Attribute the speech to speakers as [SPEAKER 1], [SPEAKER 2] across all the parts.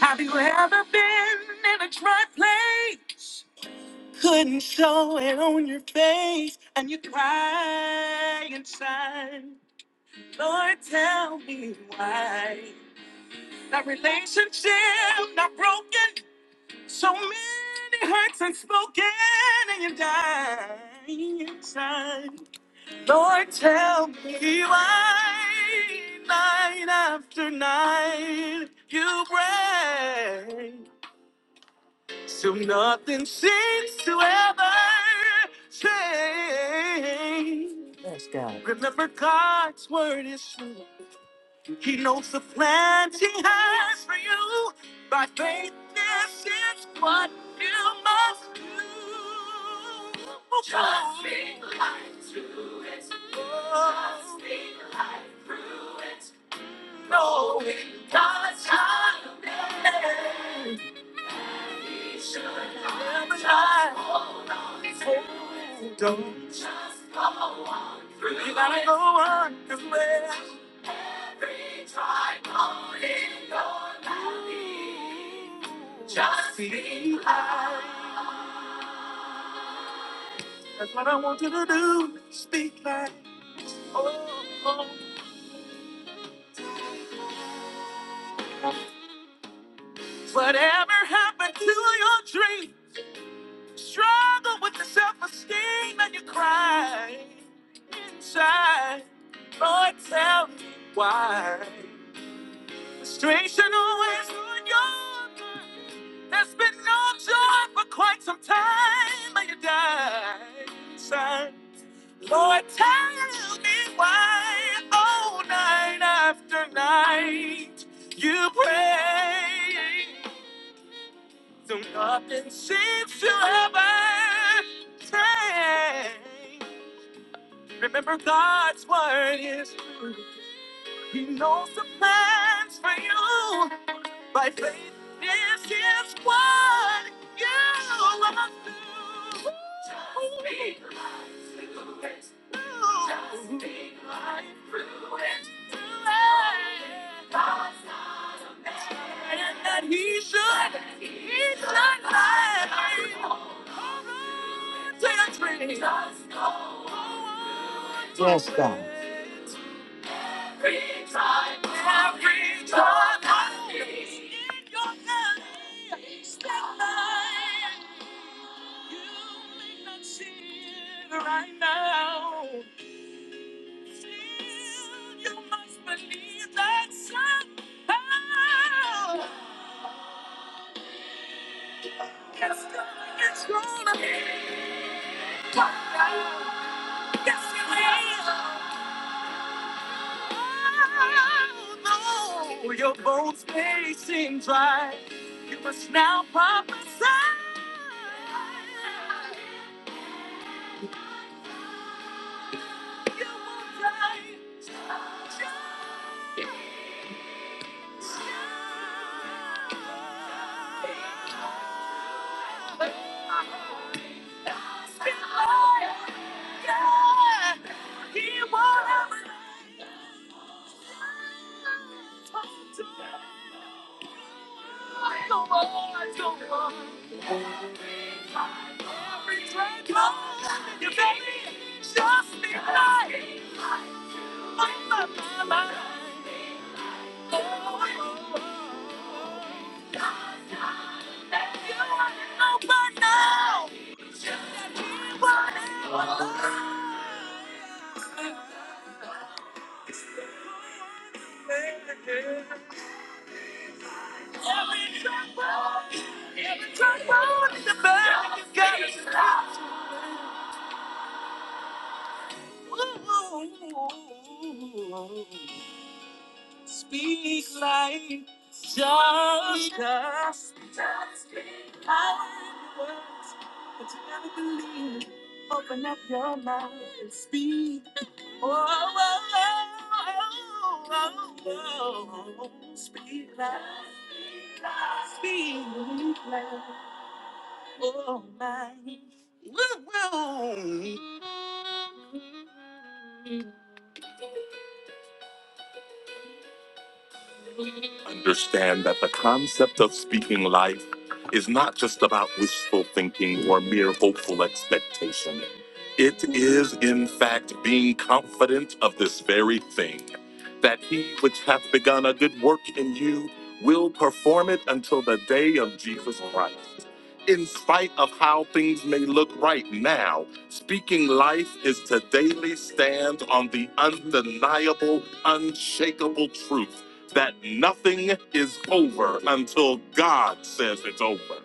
[SPEAKER 1] Have you ever been in a dry place? Couldn't show it on your face, and you cry inside. Lord, tell me why. That relationship not broken, so many hurts unspoken, and you die inside. Lord, tell me why night after night you pray, so nothing seems to ever change. Remember, God's word is true. He knows the plans he has for you. By faith, this is what you must do. Just speak life to it. Just speak life through it. Knowing God's timing. He should never lie. Hold on to it. Don't just go on through it. You gotta go on through it. Every time I'm in your melody, Just be light. That's what I want you to do. Speak light. Oh, oh. Whatever happened to your dream? Struggle with the self-esteem and you cry inside. Lord, tell me why. Frustration always on your mind. There's been no joy for quite some time, but you died inside. Lord, tell me why, oh, night after night, you pray. Though nothing seems to ever change. Remember, God's word is true. He knows the plans for you. By faith, this is what you must do. Just speak life through it. Just speak life through it. God's not a man. And that he should, That he he should should lie. lie. Hold on to your dreams. Just go. Hold on to Yes, God. Every time, every time, I need your love. Step by, you make that seem right now. Still, you must believe that somehow it's gonna, it's gonna be love. Yes, it will. Oh, no. Your bones may seem dry. You must now pop aside. You will die. Just be like Every step forward, you better just be right. My my my. Let you open up. Every step forward, every step forward, you better just gotta be right. Speak life, justice. Speak life, words, But you never believe. Open up your mouth and speak. Oh, oh, oh, oh, oh, oh. Speak life, speak life. Oh, my. understand that the concept of speaking life is not just about wishful thinking or mere hopeful expectation. It is, in fact, being confident of this very thing that he which hath begun a good work in you will perform it until the day of Jesus Christ. In spite of how things may look right now, speaking life is to daily stand on the undeniable, unshakable truth that nothing is over until God says it's over.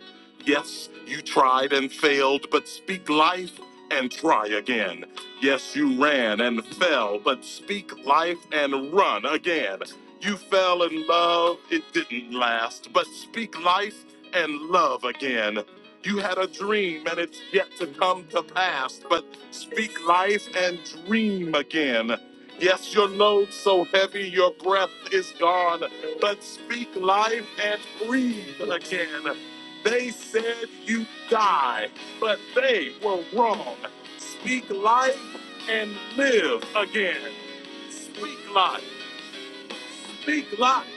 [SPEAKER 1] Yes, you tried and failed, but speak life and try again. Yes, you ran and fell, but speak life and run again. You fell in love, it didn't last, but speak life and love again. You had a dream and it's yet to come to pass, but speak life and dream again. Yes, your load so heavy, your breath is gone. But speak life and breathe again. They said you die, but they were wrong. Speak life and live again. Speak life. Speak life.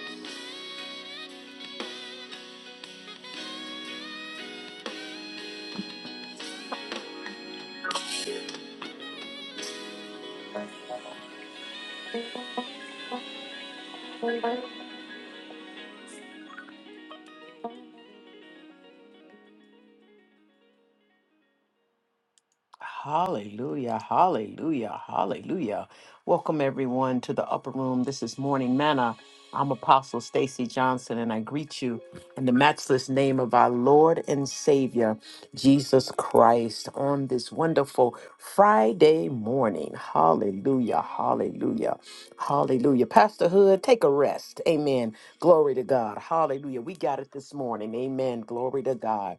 [SPEAKER 1] Hallelujah, hallelujah, hallelujah. Welcome everyone to the upper room. This is Morning Manna. I'm Apostle Stacy Johnson and I greet you in the matchless name of our Lord and Savior Jesus Christ on this wonderful Friday morning. Hallelujah, hallelujah. Hallelujah. Pastor Hood, take a rest. Amen. Glory to God. Hallelujah. We got it this morning. Amen. Glory to God.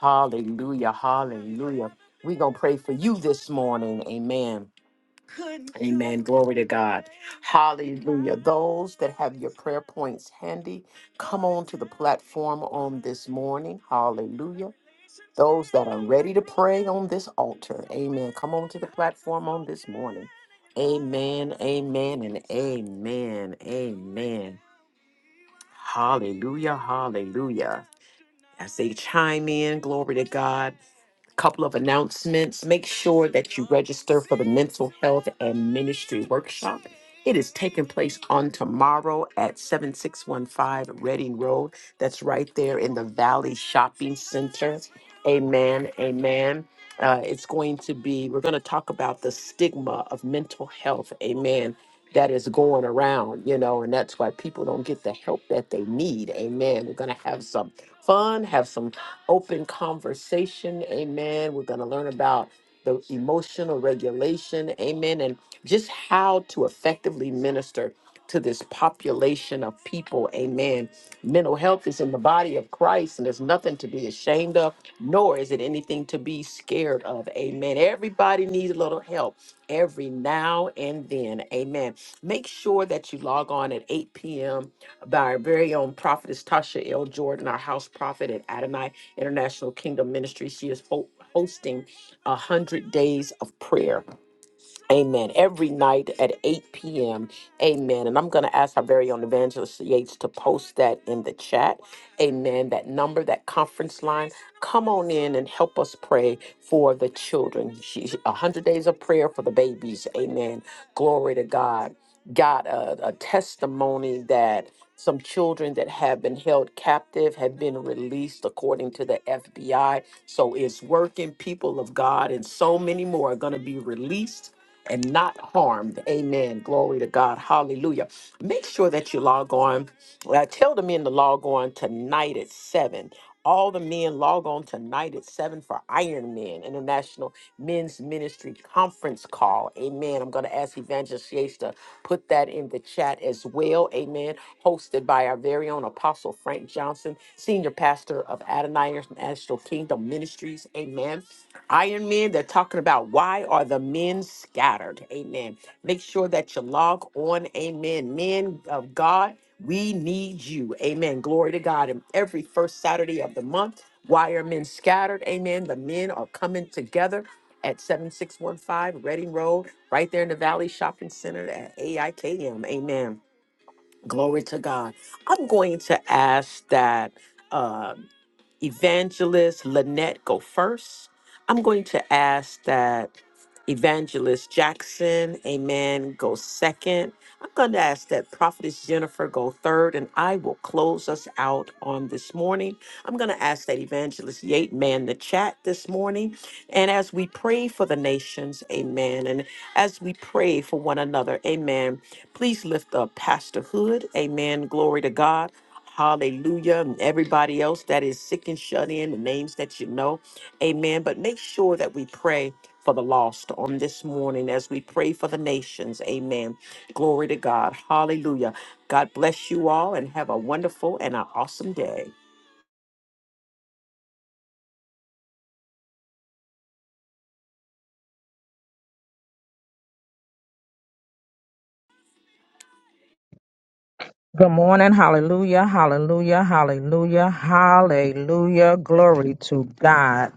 [SPEAKER 1] Hallelujah. Hallelujah. We're going to pray for you this morning. Amen. Amen. Glory to God. Hallelujah. Those that have your prayer points handy, come on to the platform on this morning. Hallelujah. Those that are ready to pray on this altar. Amen. Come on to the platform on this morning. Amen. Amen. And amen. Amen. Hallelujah. Hallelujah. As they chime in, glory to God couple of announcements. Make sure that you register for the mental health and ministry workshop. It is taking place on tomorrow at 7615 Reading Road. That's right there in the Valley Shopping Center. Amen. Amen. Uh, it's going to be, we're going to talk about the stigma of mental health. Amen. That is going around, you know, and that's why people don't get the help that they need. Amen. We're going to have some fun, have some open conversation. Amen. We're going to learn about the emotional regulation. Amen. And just how to effectively minister to this population of people. Amen. Mental health is in the body of Christ, and there's nothing to be ashamed of, nor is it anything to be scared of. Amen. Everybody needs a little help every now and then. Amen. Make sure that you log on at 8 p.m. by our very own prophetess Tasha L. Jordan, our house prophet at Adonai International Kingdom Ministry. She is ho- hosting a hundred days of prayer Amen. Every night at 8 p.m. Amen. And I'm going to ask our very own evangelist Yates to post that in the chat. Amen. That number, that conference line. Come on in and help us pray for the children. She, 100 days of prayer for the babies. Amen. Glory to God. Got a, a testimony that some children that have been held captive have been released according to the FBI. So it's working, people of God, and so many more are going to be released and not harmed. Amen. Glory to God. Hallelujah. Make sure that you log on. Uh, tell the men to log on tonight at 7. All the men log on tonight at 7 for Iron Men International Men's Ministry Conference Call. Amen. I'm going to ask Evangelist Yates to put that in the chat as well. Amen. Hosted by our very own Apostle Frank Johnson, Senior Pastor of Adonai International Kingdom Ministries. Amen. Iron Men, they're talking about why are the men scattered? Amen. Make sure that you log on. Amen. Men of God, we need you. Amen. Glory to God. And every first Saturday of the month, why are men scattered? Amen. The men are coming together at 7615 Reading Road, right there in the Valley Shopping Center at AIKM. Amen. Glory to God. I'm going to ask that. uh, Evangelist Lynette go first. I'm going to ask that Evangelist Jackson, amen, go second. I'm going to ask that Prophetess Jennifer go third, and I will close us out on this morning. I'm going to ask that Evangelist Yate man the chat this morning. And as we pray for the nations, amen, and as we pray for one another, amen, please lift up Pastor Hood, amen, glory to God. Hallelujah. And everybody else that is sick and shut in, the names that you know. Amen. But make sure that we pray for the lost on this morning as we pray for the nations. Amen. Glory to God. Hallelujah. God bless you all and have a wonderful and an awesome day.
[SPEAKER 2] Good morning. Hallelujah. Hallelujah. Hallelujah. Hallelujah. Glory to God.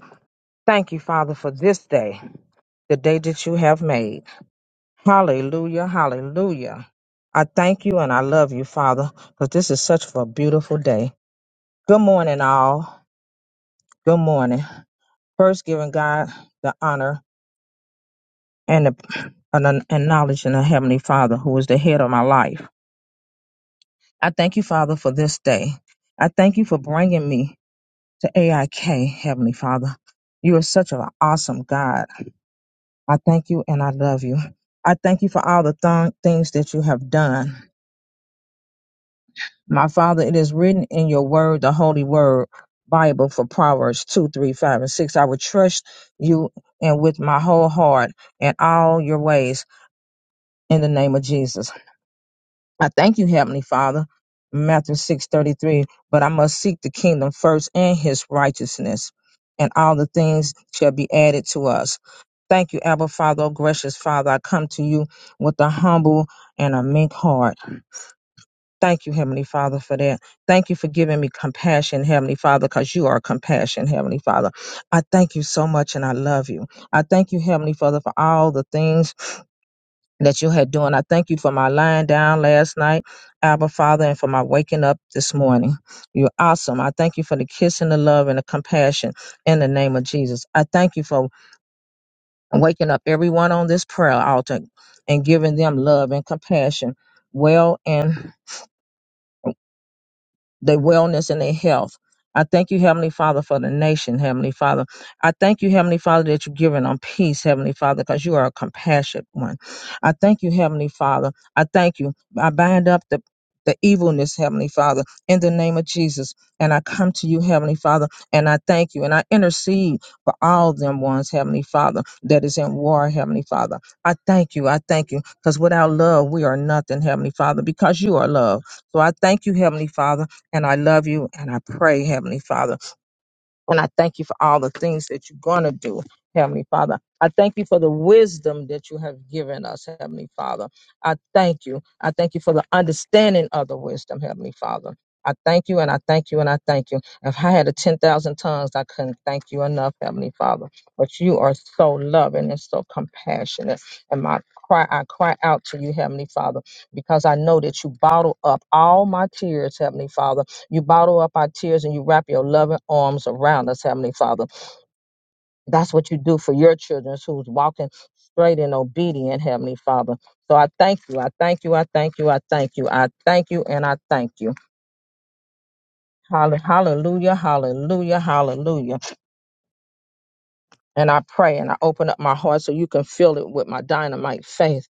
[SPEAKER 2] Thank you, Father, for this day, the day that you have made. Hallelujah. Hallelujah. I thank you and I love you, Father, because this is such a beautiful day. Good morning, all. Good morning. First, giving God the honor and the and acknowledging the Heavenly Father, who is the head of my life. I thank you, Father, for this day. I thank you for bringing me. to AIK, Heavenly Father. You are such an awesome God. I thank you and I love you. I thank you for all the th- things that you have done. My Father, it is written in your word, the holy word, Bible for Proverbs 2, 3, 5, and 6. I will trust you and with my whole heart in all your ways in the name of Jesus. I thank you, Heavenly Father. Matthew 6:33, but I must seek the kingdom first and his righteousness, and all the things shall be added to us. Thank you, Abba Father, oh gracious Father. I come to you with a humble and a meek heart. Thank you, Heavenly Father, for that. Thank you for giving me compassion, Heavenly Father, because you are compassion, Heavenly Father. I thank you so much and I love you. I thank you, Heavenly Father, for all the things that you had done. I thank you for my lying down last night, Abba Father, and for my waking up this morning. You're awesome. I thank you for the kiss and the love and the compassion in the name of Jesus. I thank you for waking up everyone on this prayer altar and giving them love and compassion well in. their wellness and their health. I thank you, Heavenly Father, for the nation, Heavenly Father. I thank you, Heavenly Father, that you're giving them peace, Heavenly Father, because you are a compassionate one. I thank you, Heavenly Father. I thank you. I bind up the the evilness, Heavenly Father, in the name of Jesus. And I come to you, Heavenly Father, and I thank you. And I intercede for all them ones, Heavenly Father, that is in war, Heavenly Father. I thank you. I thank you. Because without love, we are nothing, Heavenly Father, because you are love. So I thank you, Heavenly Father. And I love you and I pray, Heavenly Father. And I thank you for all the things that you're going to do, Heavenly Father. I thank you for the wisdom that you have given us, Heavenly Father. I thank you. I thank you for the understanding of the wisdom, Heavenly Father. I thank you and I thank you and I thank you. If I had a 10,000 tongues, I couldn't thank you enough, Heavenly Father. But you are so loving and so compassionate. And my cry, I cry out to you, Heavenly Father, because I know that you bottle up all my tears, Heavenly Father you bottle up our tears and you wrap your loving arms around us, Heavenly Father. That's what you do for your children who's walking straight and obedient, Heavenly Father. So I thank you. I thank you. I thank you. I thank you. I thank you and I thank you. Hall- Hallelujah, hallelujah, hallelujah. And I pray and I open up my heart so you can fill it with my dynamite faith,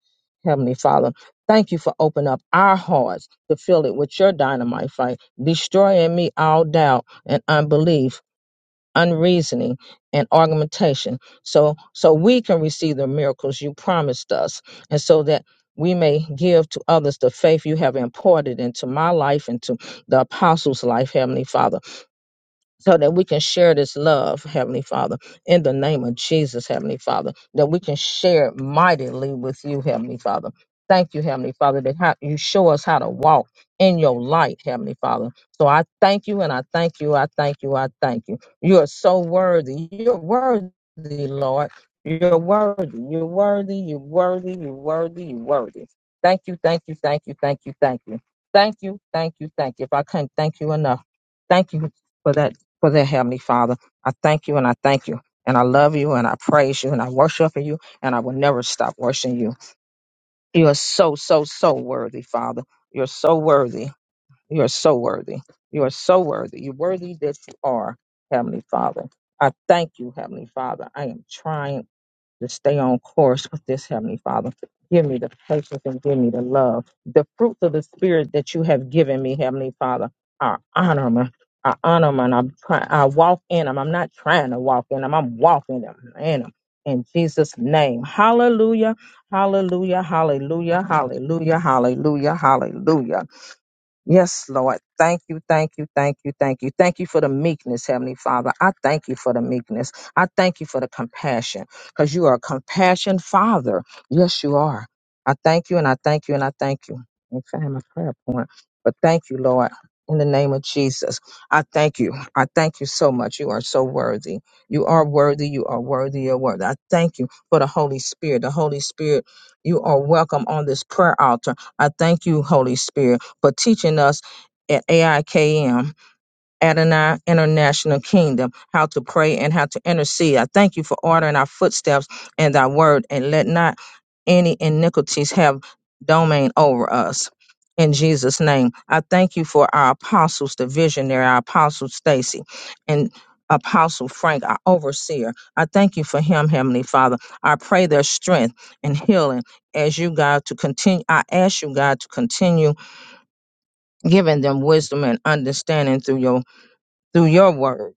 [SPEAKER 2] Heavenly Father. Thank you for opening up our hearts to fill it with your dynamite faith, destroying me all doubt and unbelief unreasoning and argumentation so so we can receive the miracles you promised us and so that we may give to others the faith you have imparted into my life into the apostles life heavenly father so that we can share this love, Heavenly Father, in the name of Jesus, Heavenly Father, that we can share it mightily with you, Heavenly Father. Thank you, Heavenly Father, that how you show us how to walk in your light, Heavenly Father. So I thank you and I thank you, I thank you, I thank you. You are so worthy. You're worthy, Lord. You're worthy. You're worthy. You're worthy. You're worthy. You're worthy. Thank you, thank you, thank you, thank you, thank you. Thank you, thank you, thank you. If I can not thank you enough, thank you for that for their Heavenly Father. I thank you and I thank you. And I love you and I praise you and I worship you and I will never stop worshiping you. You are so, so, so worthy, Father. You're so worthy. You are so worthy. You are so worthy. You're worthy that you are, Heavenly Father. I thank you, Heavenly Father. I am trying to stay on course with this, Heavenly Father. Give me the patience and give me the love. The fruits of the Spirit that you have given me, Heavenly Father, I honor them. I honor them and I'm try- I walk in them. I'm not trying to walk in them. I'm walking them in them. In Jesus' name. Hallelujah. Hallelujah. Hallelujah. Hallelujah. Hallelujah. Hallelujah. Yes, Lord. Thank you, thank you, thank you, thank you. Thank you for the meekness, Heavenly Father. I thank you for the meekness. I thank you for the compassion because you are a compassion Father. Yes, you are. I thank you and I thank you and I thank you. In fact, my prayer. But thank you, Lord, in the name of Jesus. I thank you. I thank you so much. You are so worthy. You are worthy. You are worthy. You're worthy. I thank you for the Holy Spirit. The Holy Spirit, you are welcome on this prayer altar. I thank you, Holy Spirit, for teaching us at AIKM Adonai International Kingdom, how to pray and how to intercede. I thank you for ordering our footsteps and thy word, and let not any iniquities have domain over us. In Jesus' name, I thank you for our apostles, the visionary, our apostle Stacy, and Apostle Frank, our overseer. I thank you for him, Heavenly Father. I pray their strength and healing as you, God, to continue. I ask you, God, to continue giving them wisdom and understanding through your through your word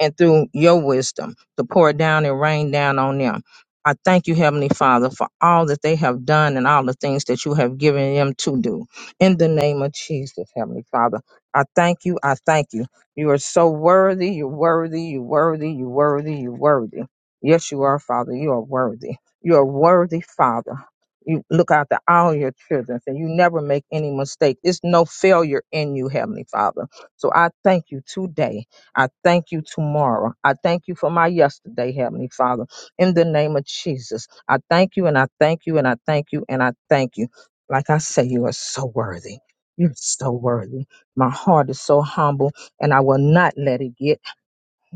[SPEAKER 2] and through your wisdom to pour it down and rain down on them. I thank you, Heavenly Father, for all that they have done and all the things that you have given them to do. In the name of Jesus, Heavenly Father, I thank you. I thank you. You are so worthy. You're worthy. You're worthy. You're worthy. You're worthy. Yes, you are, Father. You are worthy. You are worthy, Father. You look after all your children and you never make any mistake. It's no failure in you, Heavenly Father. So I thank you today I thank you tomorrow. I thank you for my yesterday, Heavenly Father. In the name of Jesus, I thank you and I thank you and I thank you and I thank you. Like I say, you are so worthy. You're so worthy. My heart is so humble, and I will not let it get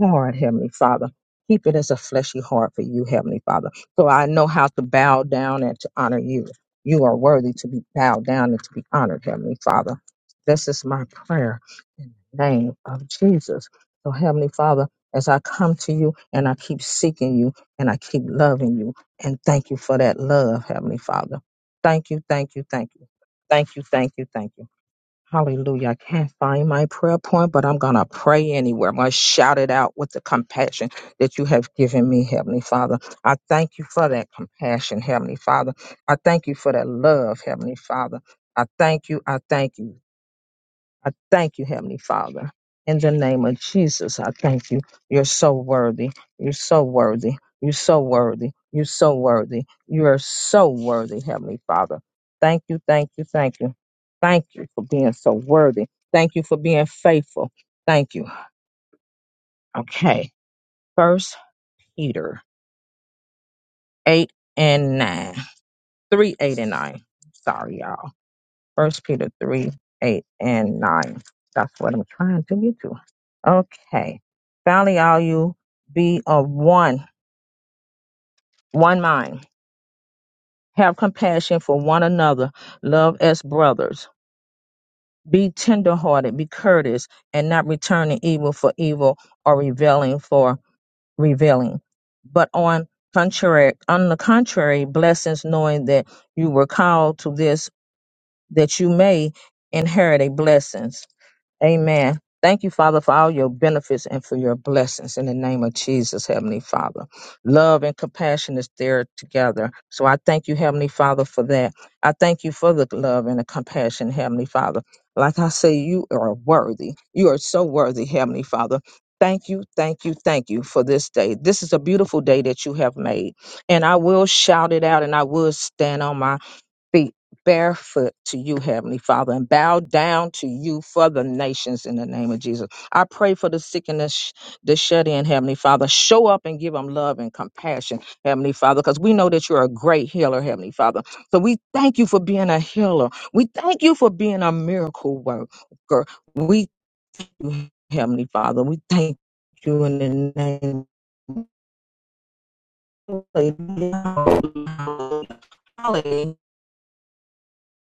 [SPEAKER 2] heart, Heavenly Father. Keep it as a fleshy heart for you, Heavenly Father. So I know how to bow down and to honor you. You are worthy to be bowed down and to be honored, Heavenly Father. This is my prayer in the name of Jesus. So, Heavenly Father, as I come to you and I keep seeking you and I keep loving you, and thank you for that love, Heavenly Father. Thank you, thank you, thank you. Thank you, thank you, thank you. Hallelujah. I can't find my prayer point, but I'm going to pray anywhere. I'm going to shout it out with the compassion that you have given me, Heavenly Father. I thank you for that compassion, Heavenly Father. I thank you for that love, Heavenly Father. I thank you. I thank you. I thank you, Heavenly Father. In the name of Jesus, I thank you. You're so worthy. You're so worthy. You're so worthy. You're so worthy. You are so worthy, Heavenly Father. Thank you, thank you, thank you. Thank you for being so worthy. Thank you for being faithful. Thank you. Okay. First Peter 8 and 9. 3, 8, and 9. Sorry, y'all. First Peter three, eight and nine. That's what I'm trying to get to. Okay. Finally, all you be of one, one mind. Have compassion for one another. Love as brothers. Be tenderhearted. Be courteous, and not returning evil for evil or revealing for revealing. But on contrary, on the contrary, blessings, knowing that you were called to this, that you may inherit a blessings. Amen. Thank you, Father, for all your benefits and for your blessings in the name of Jesus, Heavenly Father. Love and compassion is there together. So I thank you, Heavenly Father, for that. I thank you for the love and the compassion, Heavenly Father. Like I say, you are worthy. You are so worthy, Heavenly Father. Thank you, thank you, thank you for this day. This is a beautiful day that you have made. And I will shout it out and I will stand on my feet barefoot to you, Heavenly Father, and bow down to you for the nations in the name of Jesus. I pray for the sick and the, sh- the shut in, Heavenly Father. Show up and give them love and compassion, Heavenly Father, because we know that you're a great healer, Heavenly Father. So we thank you for being a healer. We thank you for being a miracle worker. We, Heavenly Father, we thank you in the name. of Hallelujah. Hallelujah.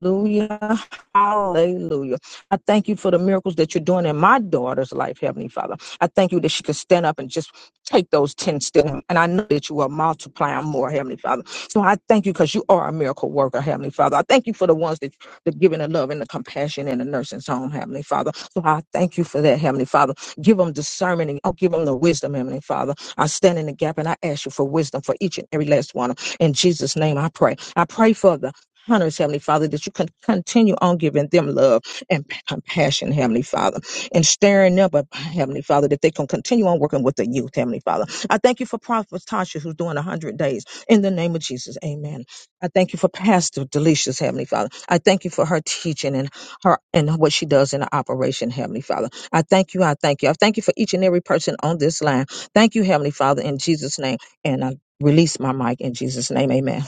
[SPEAKER 2] Hallelujah. Hallelujah. I thank you for the miracles that you're doing in my daughter's life, Heavenly Father. I thank you that she can stand up and just take those 10 steps. And I know that you are multiplying more, Heavenly Father. So I thank you because you are a miracle worker, Heavenly Father. I thank you for the ones that the giving the love and the compassion in the nursing home, Heavenly Father. So I thank you for that, Heavenly Father. Give them discernment and I'll give them the wisdom, Heavenly Father. I stand in the gap and I ask you for wisdom for each and every last one. In Jesus' name I pray. I pray for the hunters, Heavenly Father, that you can continue on giving them love and p- compassion, Heavenly Father, and stirring them up, Heavenly Father, that they can continue on working with the youth, Heavenly Father. I thank you for Prophet Tasha, who's doing 100 days. In the name of Jesus, amen. I thank you for Pastor Delicious, Heavenly Father. I thank you for her teaching and her and what she does in the operation, Heavenly Father. I thank you. I thank you. I thank you for each and every person on this line. Thank you, Heavenly Father, in Jesus' name. And I release my mic in Jesus' name. Amen.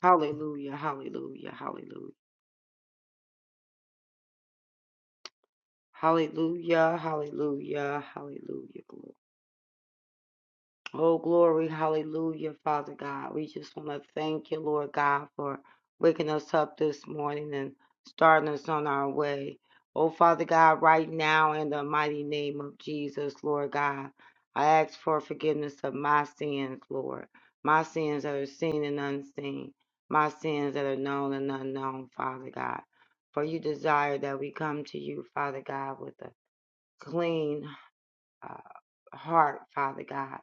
[SPEAKER 3] Hallelujah, hallelujah, hallelujah. Hallelujah, hallelujah, hallelujah, Lord. Oh, glory, hallelujah, Father God. We just want to thank you, Lord God, for waking us up this morning and starting us on our way. Oh, Father God, right now, in the mighty name of Jesus, Lord God, I ask for forgiveness of my sins, Lord. My sins that are seen and unseen, my sins that are known and unknown, Father God. For you desire that we come to you, Father God, with a clean uh, heart, Father God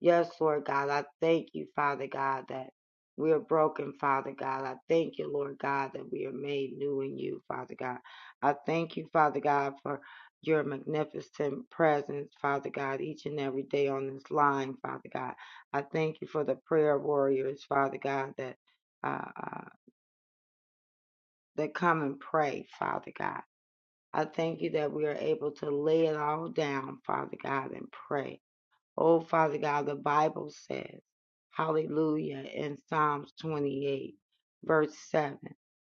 [SPEAKER 3] Yes, Lord God, I thank you, Father God, that we are broken, Father God. I thank you, Lord God, that we are made new in you, Father God. I thank you, Father God, for your magnificent presence, Father God, each and every day on this line, Father God. I thank you for the prayer warriors, Father God, that uh, uh, that come and pray, Father God. I thank you that we are able to lay it all down, Father God, and pray. Oh, Father God, the Bible says, hallelujah, in Psalms 28, verse 7,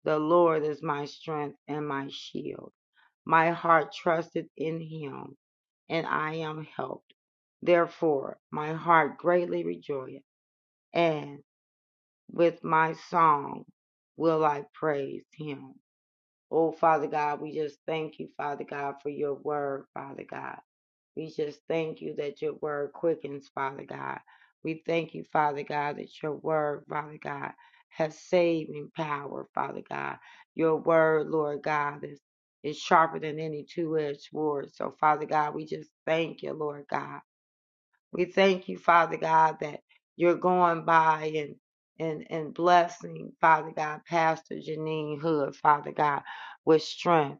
[SPEAKER 3] the Lord is my strength and my shield. My heart trusted in him, and I am helped. Therefore, my heart greatly rejoiceth, and with my song will I praise him. Oh, Father God, we just thank you, Father God, for your word, Father God. We just thank you that your word quickens, Father God. We thank you, Father God, that your word, Father God, has saving power, Father God. Your word, Lord God, is, is sharper than any two edged sword. So, Father God, we just thank you, Lord God. We thank you, Father God, that you're going by and and and blessing, Father God, Pastor Janine Hood, Father God, with strength.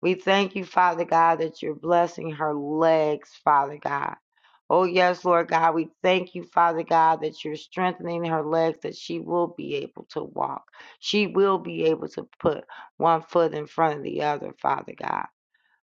[SPEAKER 3] We thank you, Father God, that you're blessing her legs, Father God. Oh, yes, Lord God, we thank you, Father God, that you're strengthening her legs, that she will be able to walk. She will be able to put one foot in front of the other, Father God.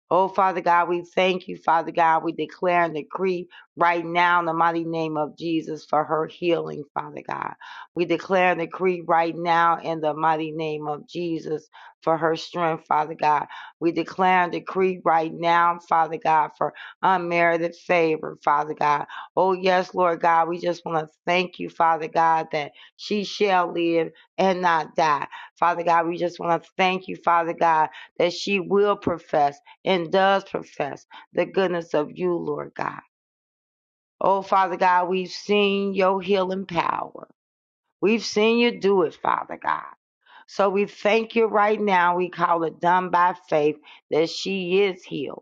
[SPEAKER 3] Oh, Father God, we thank you, Father God. We declare and decree right now in the mighty name of Jesus for her healing, Father God. We declare and decree right now in the mighty name of Jesus for her strength, Father God. We declare and decree right now, Father God, for unmerited favor, Father God. Oh, yes, Lord God, we just want to thank you, Father God, that she shall live and not die. Father God, we just want to thank you, Father God, that she will profess and does profess the goodness of you, Lord God. Oh, Father God, we've seen your healing power. We've seen you do it, Father God. So we thank you right now. We call it done by faith that she is healed.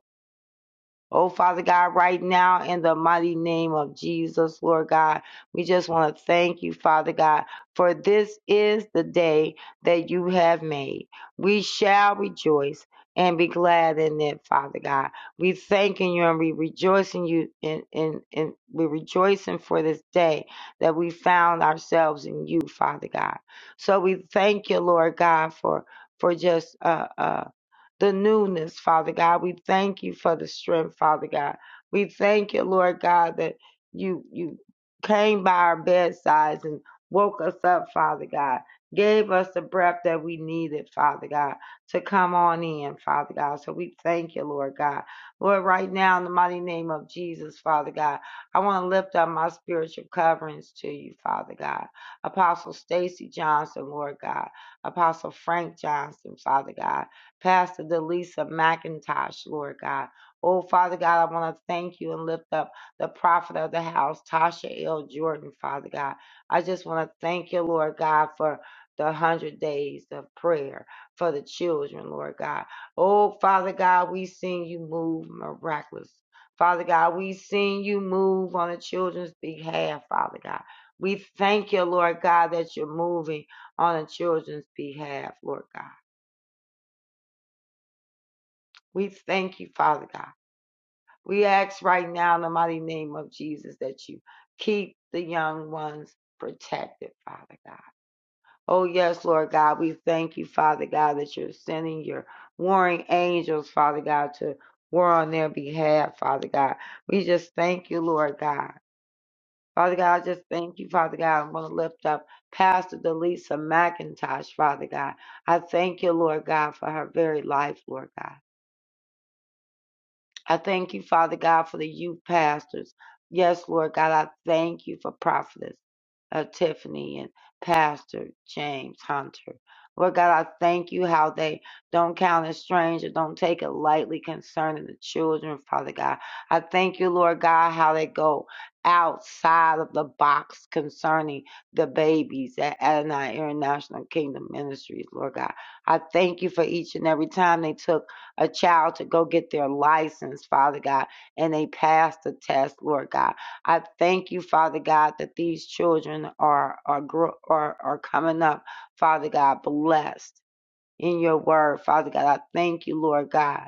[SPEAKER 3] Oh, Father God, right now in the mighty name of Jesus, Lord God, we just want to thank you, Father God, for this is the day that you have made. We shall rejoice and be glad in it, Father God. We thanking you and we rejoicing you in, in, in we rejoicing for this day that we found ourselves in you, Father God. So we thank you, Lord God, for for just uh, uh the newness, Father God. We thank you for the strength, Father God. We thank you, Lord God, that you you came by our bedsides and woke us up, Father God. Gave us the breath that we needed, Father God, to come on in, Father God. So we thank you, Lord God. Lord, right now, in the mighty name of Jesus, Father God, I want to lift up my spiritual coverings to you, Father God. Apostle Stacy Johnson, Lord God. Apostle Frank Johnson, Father God. Pastor Delisa McIntosh, Lord God. Oh, Father God, I want to thank you and lift up the prophet of the house, Tasha L. Jordan, Father God. I just want to thank you, Lord God, for the hundred days of prayer for the children, Lord God. Oh, Father God, we seen you move miraculous. Father God, we seen you move on the children's behalf, Father God. We thank you, Lord God, that you're moving on the children's behalf, Lord God. We thank you, Father God. We ask right now in the mighty name of Jesus that you keep the young ones protected, Father God. Oh, yes, Lord God. We thank you, Father God, that you're sending your warring angels, Father God, to war on their behalf, Father God. We just thank you, Lord God. Father God, I just thank you, Father God. I'm going to lift up Pastor Delisa McIntosh, Father God. I thank you, Lord God, for her very life, Lord God. I thank you, Father God, for the youth pastors. Yes, Lord God, I thank you for prophetess uh, Tiffany and Pastor James Hunter. Lord God, I thank you how they don't count as strange or don't take it lightly concerning the children, Father God. I thank you, Lord God, how they go outside of the box concerning the babies at Adonai International Kingdom Ministries, Lord God. I thank you for each and every time they took a child to go get their license, Father God, and they pass the test, Lord God. I thank you, Father God, that these children are are are, are coming up, Father God, blessed in your word, Father God. I thank you, Lord God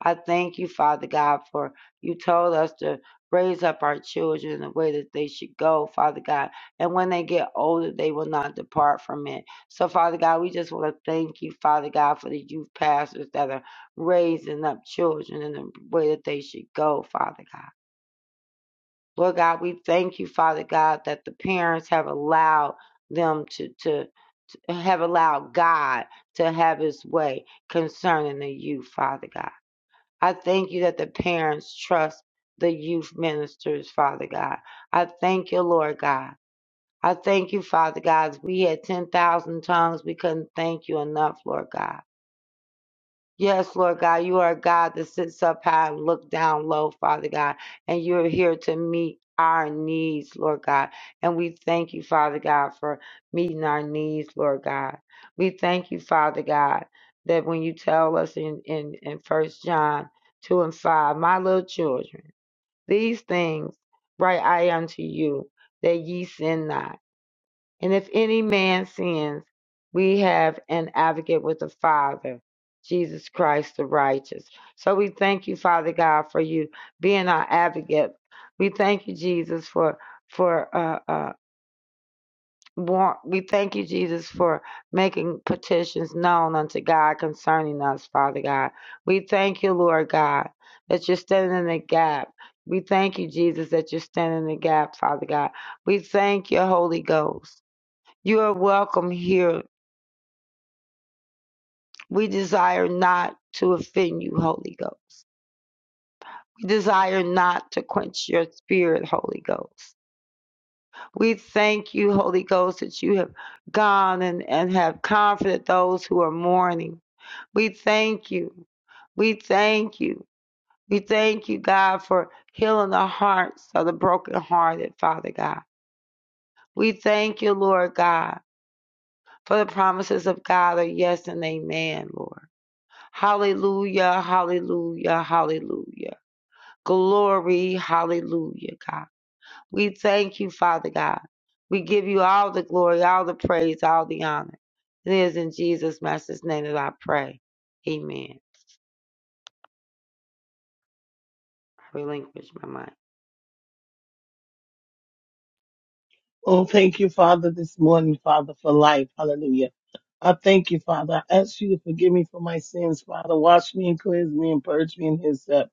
[SPEAKER 3] I thank you, Father God, for you told us to raise up our children in the way that they should go, Father God. And when they get older, they will not depart from it. So, Father God, we just want to thank you, Father God, for the youth pastors that are raising up children in the way that they should go, Father God. Lord God, we thank you, Father God, that the parents have allowed them to, to, to have allowed God to have his way concerning the youth, Father God. I thank you that the parents trust the youth ministers, Father God. I thank you, Lord God. I thank you, Father God. If we had 10,000 tongues, we couldn't thank you enough, Lord God. Yes, Lord God, you are a God that sits up high and look down low, Father God, and you're here to meet our needs, Lord God. And we thank you, Father God, for meeting our needs, Lord God. We thank you, Father God, that when you tell us in, in, in 1 John 2 and 5, my little children, these things write I unto you, that ye sin not. And if any man sins, we have an advocate with the Father, Jesus Christ the righteous. So we thank you, Father God, for you being our advocate. We thank you, Jesus, for for uh uh war- we thank you, Jesus, for making petitions known unto God concerning us, Father God. We thank you, Lord God, that you're standing in the gap. We thank you, Jesus, that you're standing in the gap, Father God. We thank you, Holy Ghost. You are welcome here. We desire not to offend you, Holy Ghost. We desire not to quench your spirit, Holy Ghost. We thank you, Holy Ghost, that you have gone and, and have comforted those who are mourning. We thank you. We thank you. We thank you, God, for healing the hearts of the brokenhearted, Father God. We thank you, Lord God, for the promises of God are yes and amen, Lord. Hallelujah, hallelujah, hallelujah. Glory, hallelujah, God. We thank you, Father God. We give you all the glory, all the praise, all the honor. It is in Jesus' Master's name that I pray. Amen. I relinquish my mind.
[SPEAKER 4] Oh, thank you, Father, this morning, Father, for life. Hallelujah. I thank you, Father. I ask you to forgive me for my sins, Father. Wash me and cleanse me and purge me in His up.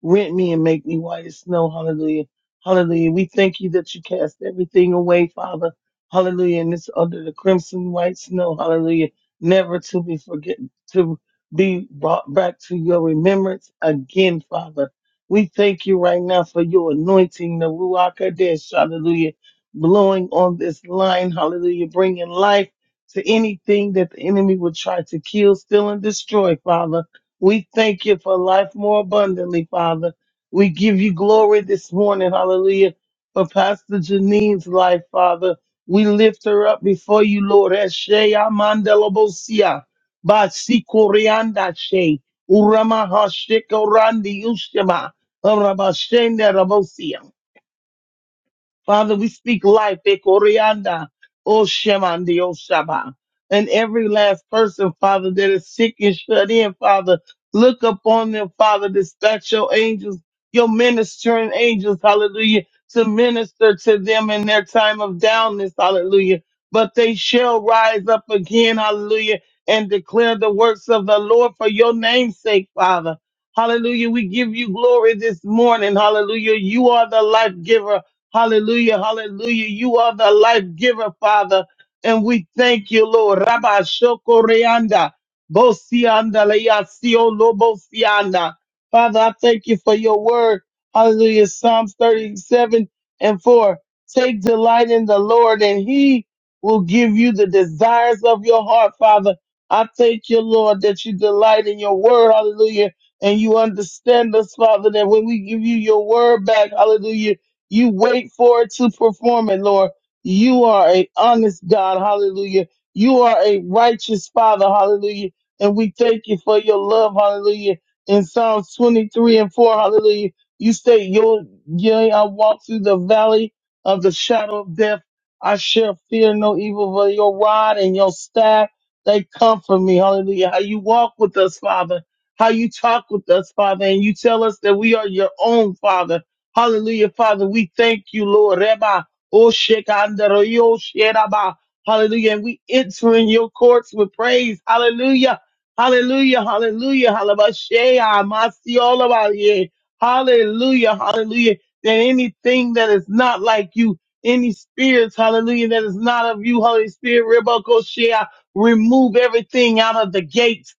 [SPEAKER 4] Rent me and make me white as snow. Hallelujah. Hallelujah. We thank you that you cast everything away, Father. Hallelujah. And it's under the crimson white snow. Hallelujah. Never to be forget to be brought back to your remembrance again, Father. We thank you right now for your anointing, the Ruach Kadesh. Hallelujah blowing on this line. Hallelujah. Bringing life to anything that the enemy would try to kill, steal, and destroy, Father. We thank you for life more abundantly, Father. We give you glory this morning. Hallelujah. For Pastor Janine's life, Father. We lift her up before you, Lord. Eshea mandelabosia. Basikorianda she. Urama hashika randi ushema. Urabashenda rabosia. Father, we speak life, Ekorianda, O Shemandi, O Shaba. And every last person, Father, that is sick and shut in, Father, look upon them, Father, dispatch your angels, your ministering angels, hallelujah, to minister to them in their time of downness, hallelujah. But they shall rise up again, hallelujah, and declare the works of the Lord for your name's sake, Father. Hallelujah. We give you glory this morning. Hallelujah. You are the life giver. Hallelujah, hallelujah. You are the life giver, Father. And we thank you, Lord. Rabba Shokoreanda. Bosianda Leasio Lobosianda. Father, I thank you for your word. Hallelujah. Psalms 37 and 4. Take delight in the Lord, and he will give you the desires of your heart, Father. I thank you, Lord, that you delight in your word. Hallelujah. And you understand us, Father, that when we give you your word back, hallelujah. You wait for it to perform it, Lord. You are a honest God. Hallelujah. You are a righteous Father. Hallelujah. And we thank you for your love. Hallelujah. In Psalms 23 and 4. Hallelujah. You say, "Yo- Yea, I walk through the valley of the shadow of death. I shall fear no evil, for your rod and your staff, they comfort me. Hallelujah. How you walk with us, Father. How you talk with us, Father. And you tell us that we are your own, Father. Hallelujah, Father. We thank you, Lord. Reba, Oshekandaroyo, Sheraba. Hallelujah. And we enter in your courts with praise. Hallelujah. Hallelujah. Hallelujah. Hallelujah. Halabashea, Masiolabaye. Hallelujah. Hallelujah. That anything that is not like you, any spirits, hallelujah, that is not of you, Holy Spirit, Rebakoshea, remove everything out of the gates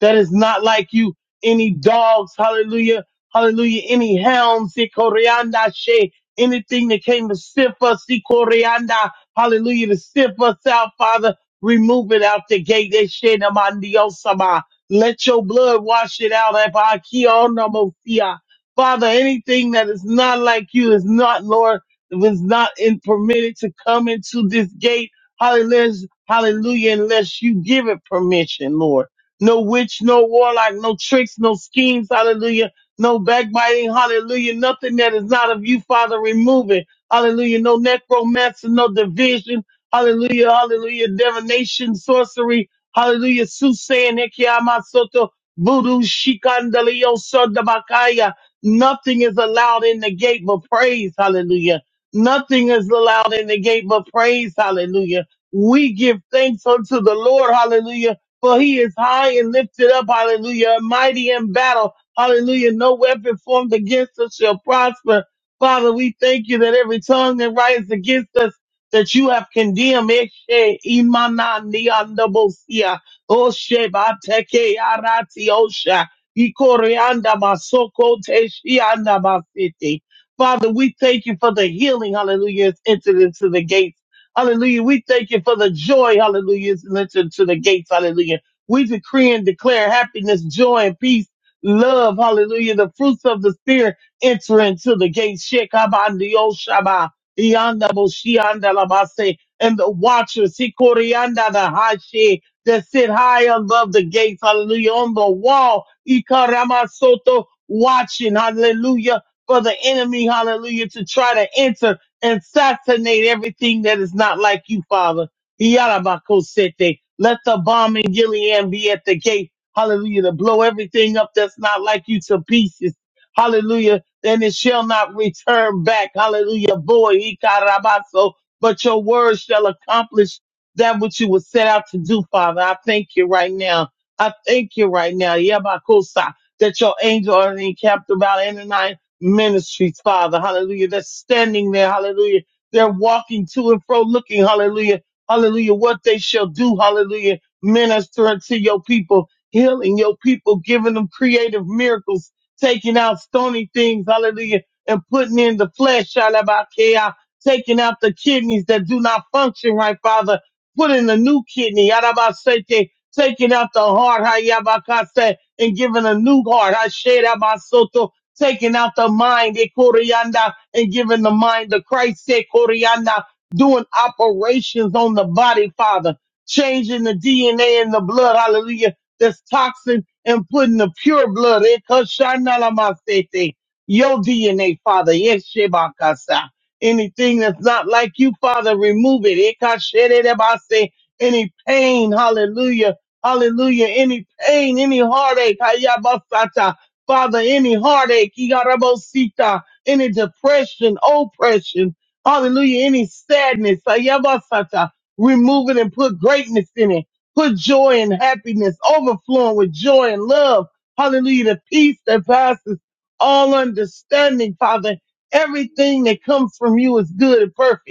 [SPEAKER 4] that is not like you. Any dogs, hallelujah Hallelujah. Any helm, si corianda she, anything that came to sift us, si corianda. Hallelujah. To sift us out, Father. Remove it out the gate. That shit, na mandiosama. Let your blood wash it out. Abba, kia ona mo sia. Father, anything that is not like you is not, Lord, was not in, permitted to come into this gate. Hallelujah. Hallelujah. Unless you give it permission, Lord no witch, no warlock, no tricks, no schemes, hallelujah no backbiting, hallelujah. Nothing that is not of you, Father, remove it. Hallelujah. No necromancy, no division. Hallelujah, hallelujah. Divination, sorcery. Hallelujah. Soothsaying, Ekiyamasoto, voodoo, shikandalio, sodabakaya. Nothing is allowed in the gate but praise. Hallelujah. Nothing is allowed in the gate but praise. Hallelujah. We give thanks unto the Lord. Hallelujah. For he is high and lifted up. Hallelujah. Mighty in battle. Hallelujah. No weapon formed against us shall prosper. Father, we thank you that every tongue that rises against us, that you have condemned. Eshe imana niandabosia. Oshe bateke arati osha. Ikorianda masoko teshianda basiti. Father, we thank you for the healing. Hallelujah. It's entered into the gates. Hallelujah. We thank you for the joy. Hallelujah. It's entered into the gates. Hallelujah. We decree and declare happiness, joy, and peace love, hallelujah, the fruits of the spirit enter into the gates, Shekabandioshaba, Iandaboshiandalabase, and the watchers, Sikorianda the Hashi, that sit high above the gates, hallelujah, on the wall, Ikaramasoto, watching, hallelujah, for the enemy, hallelujah, to try to enter and assassinate everything that is not like you, Father. Yarabakosete. Let the bomb in Gilead be at the gates. Hallelujah. To blow everything up that's not like you to pieces. Hallelujah. And it shall not return back. Hallelujah. Boy, Ikarabaso. But your word shall accomplish that which you were set out to do, Father. I thank you right now. I thank you right now. Yabakosa. That your angel are encamped about any nine ministries, Father. Hallelujah. They're standing there. Hallelujah. They're walking to and fro looking. Hallelujah. Hallelujah. What they shall do. Hallelujah. Minister to your people healing your people, giving them creative miracles, taking out stony things, hallelujah, and putting in the flesh, shalabakea, taking out the kidneys that do not function right, Father, put in a new kidney, yarabaseke, taking out the heart, hayabakase, and giving a new heart, hasherabasoto, taking out the mind, ekorianda, and giving the mind to Christ, ekorianda, doing operations on the body, Father, changing the DNA in the blood, hallelujah, that's toxin and putting the pure blood, Ekashanalamastete, your DNA, Father, Yeshebakasa. Anything that's not like you, Father, remove it. Ekashedebase. Any pain, hallelujah, hallelujah, any pain, any heartache, Hayabasata. Father, any heartache, Igarabosita, any depression, oppression, hallelujah, any sadness, Hayabasata, remove it and put greatness in it. Put joy and happiness overflowing with joy and love. Hallelujah. The peace that passes all understanding, Father. Everything that comes from you is good and perfect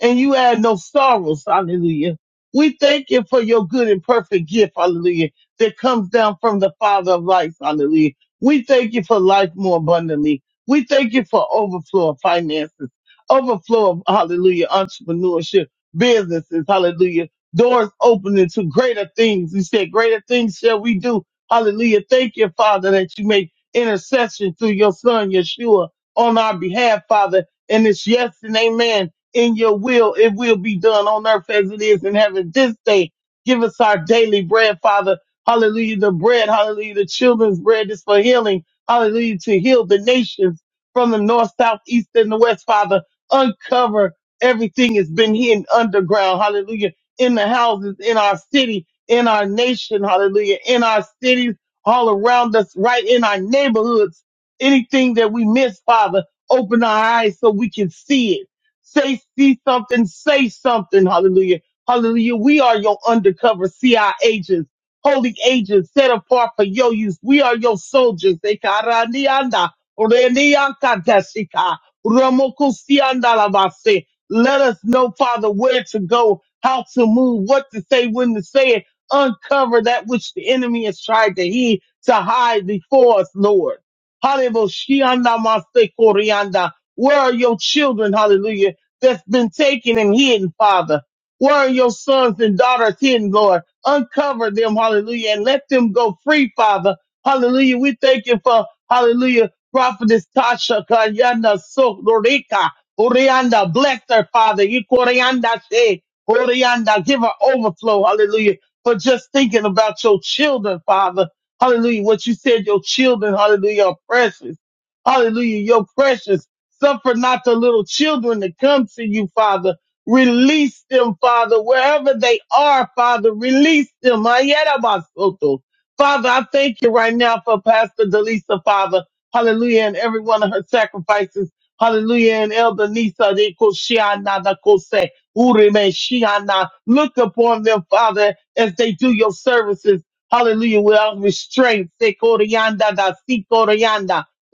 [SPEAKER 4] and you add no sorrows. Hallelujah. We thank you for your good and perfect gift. Hallelujah. That comes down from the Father of lights. Hallelujah. We thank you for life more abundantly. We thank you for overflow of finances, overflow of hallelujah, entrepreneurship, businesses. Hallelujah. Doors opening to greater things. You said greater things shall we do. Hallelujah. Thank you, Father, that you make intercession through your son, Yeshua, on our behalf, Father. And it's yes and amen in your will, it will be done on earth as it is in heaven. This day, give us our daily bread, Father. Hallelujah. The bread, hallelujah. The children's bread is for healing. Hallelujah. To heal the nations from the north, south, east, and the west, Father. Uncover everything that's been hidden underground. Hallelujah. In the houses, in our city, in our nation. Hallelujah. In our cities, all around us, right in our neighborhoods. Anything that we miss, Father, open our eyes so we can see it Say, see something, say something. Hallelujah. Hallelujah. We are your undercover CI agents, holy agents set apart for your use. We are your soldiers. Ekaranianda, oreniakatashika, ramokusiandalabase. Let us know, Father, where to go, how to move, what to say, when to say it. Uncover that which the enemy has tried to heed, to hide before us, Lord. Hallelujah. Shianda maste korianda. Where are your children? Hallelujah that's been taken and hidden, Father. Where are your sons and daughters hidden, Lord? Uncover them, hallelujah, and let them go free, Father. Hallelujah. We thank you for, hallelujah, prophetess Tasha Kayana Sokorika. Orianda, bless her, Father. Ikorianda, she. Orianda, give her overflow, hallelujah, for just thinking about your children, Father. Hallelujah. What you said, your children, hallelujah, are precious. Hallelujah. You're precious. Suffer not the little children to come to you, Father. Release them, Father, wherever they are, Father. Release them. Ayerabasoto. Father, I thank you right now for Pastor Delisa, Father. Hallelujah. And every one of her sacrifices. Hallelujah. And Elder Nisa, de Koshiana, da Kose, Urime, Shiana. Look upon them, Father, as they do your services. Hallelujah. Without restraint. Se Koryanda, da Si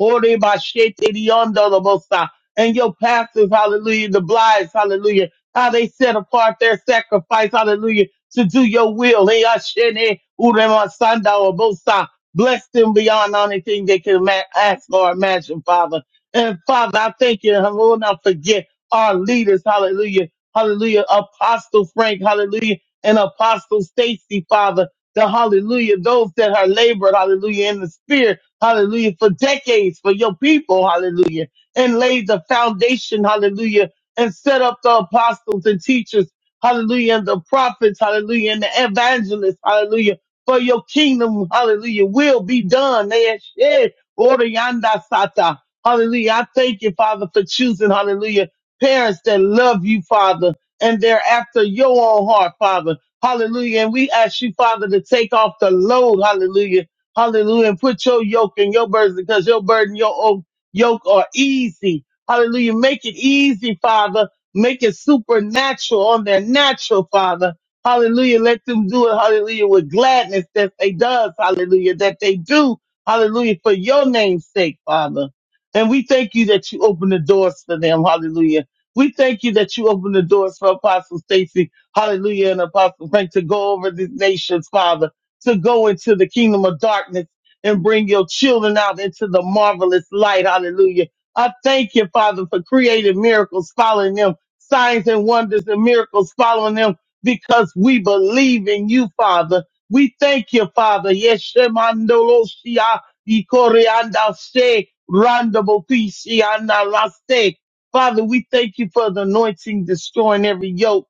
[SPEAKER 4] Ore ba shete di ondo lo bo sa. And your pastors, hallelujah, the blinds, hallelujah, how they set apart their sacrifice, hallelujah, to do your will. Hey, ashene ure ma sanda o bo sa. Bless them beyond anything they can ma- ask or imagine, Father. And Father, I thank you, and will not forget our leaders, hallelujah, hallelujah, Apostle Frank, hallelujah, and Apostle Stacy, Father, the hallelujah, those that are labored, hallelujah, in the spirit hallelujah, for decades for your people, hallelujah, and laid the foundation, hallelujah, and set up the apostles and teachers, hallelujah, and the prophets, hallelujah, and the evangelists, hallelujah, for your kingdom, hallelujah, will be done. Eh, eh, Orianda Sata. Hallelujah. I thank you, Father, for choosing, hallelujah, parents that love you, Father, and they're after your own heart, Father. Hallelujah. And we ask you, Father, to take off the load, hallelujah Hallelujah. And put your yoke and your burden because your burden, your o- yoke are easy. Hallelujah. Make it easy, Father. Make it supernatural on their natural, Father. Hallelujah. Let them do it. Hallelujah. With gladness that they does. Hallelujah. That they do. Hallelujah. For your name's sake, Father. And we thank you that you open the doors for them. Hallelujah. We thank you that you open the doors for Apostle Stacy. Hallelujah. And Apostle Frank to go over these nations, Father to go into the kingdom of darkness and bring your children out into the marvelous light. Hallelujah. I thank you, Father, for creative miracles following them, signs and wonders and miracles following them because we believe in you, Father. We thank you, Father. Yeshemandoloshia, ikoreandashe, randobopisianaraste. Father, we thank you for the anointing destroying every yoke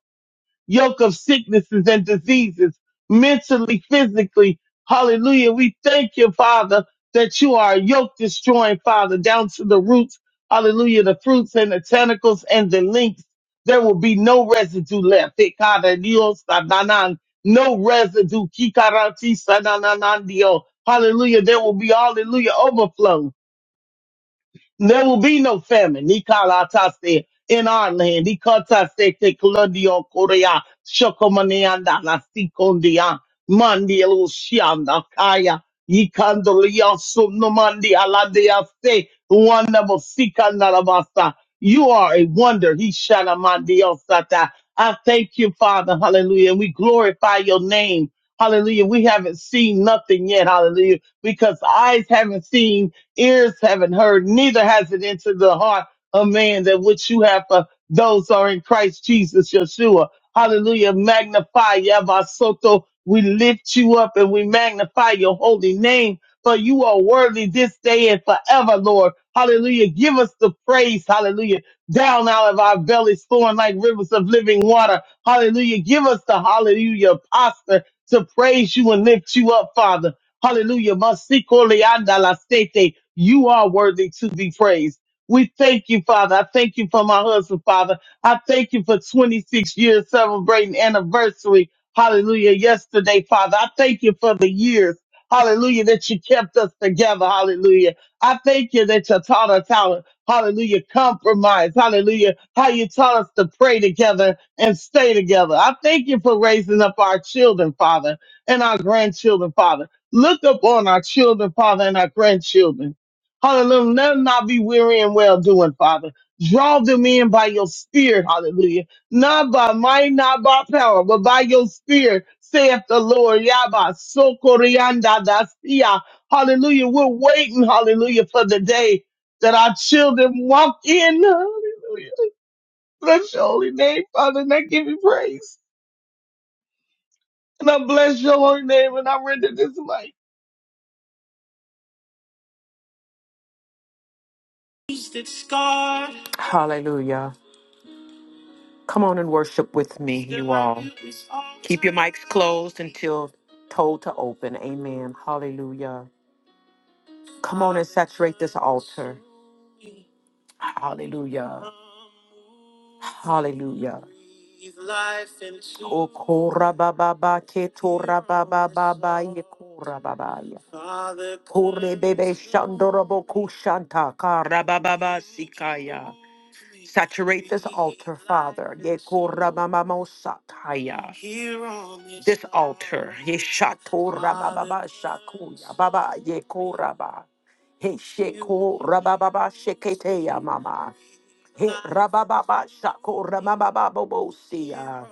[SPEAKER 4] yoke of sicknesses and diseases, mentally, physically. Hallelujah. We thank you, Father, that you are a yoke destroying, Father, down to the roots. Hallelujah. The fruits and the tentacles and the links. There will be no residue left. Ikara Dios sananan. No residue. Kikarati sanananandio. Hallelujah. There will be, hallelujah, overflow. There will be no famine. Nikalataste in our land. Nikataste te kolodio korea. Shokomaneanda la sikondia. Mandielu shianda kaya. Yikandolia sunomandi aladeaste. Wonderful sikandarabasa. You are a wonder. He sata. I thank you, Father. Hallelujah. We glorify your name. Hallelujah. We haven't seen nothing yet. Hallelujah. Because eyes haven't seen ears haven't heard, neither has it entered the heart of man that which you have for those who are in Christ Jesus, Yeshua. Hallelujah. Magnify Yavasoto. We lift you up and we magnify your holy name. For you are worthy this day and forever, Lord. Hallelujah. Give us the praise. Hallelujah. Down out of our bellies, flowing like rivers of living water. Hallelujah. Give us the hallelujah posture to praise you and lift you up, Father. Hallelujah. Masiko leanda la sete. You are worthy to be praised. We thank you, Father. I thank you for my husband, Father. I thank you for 26 years celebrating anniversary. Hallelujah. Yesterday, Father. I thank you for the years. Hallelujah. That you kept us together. Hallelujah. I thank you that you taught us how to, hallelujah, compromise. Hallelujah. How you taught us to pray together and stay together. I thank you for raising up our children, Father, and our grandchildren, Father. Look upon our children, Father, and our grandchildren. Hallelujah. Let them not be weary and well doing, Father. Draw them in by your spirit, hallelujah. Not by might, not by power, but by your spirit, saith the Lord. Yaba, sokorianda dasia. Hallelujah. We're waiting, hallelujah, for the day that our children walk in. Hallelujah. Bless your holy name, Father, and I give you praise. And I bless your holy name, and I render this life.
[SPEAKER 1] It's scarred. Hallelujah. Come on and worship with me, you all Keep your mics closed until told to open. Amen. Hallelujah. Come on and saturate this altar. Hallelujah. Hallelujah. Okora baba ba ketora baba baba yekora baba ya. Kore bebe shandorobo kushanta kara baba ba sikaya. Saturate this altar, Father. Yekora mama mo sataya. This altar. Yeshatora baba ba shakuya baba yekora ba. He sheko rababa sheketeya mama. He rabababa shako ramababa bobosia.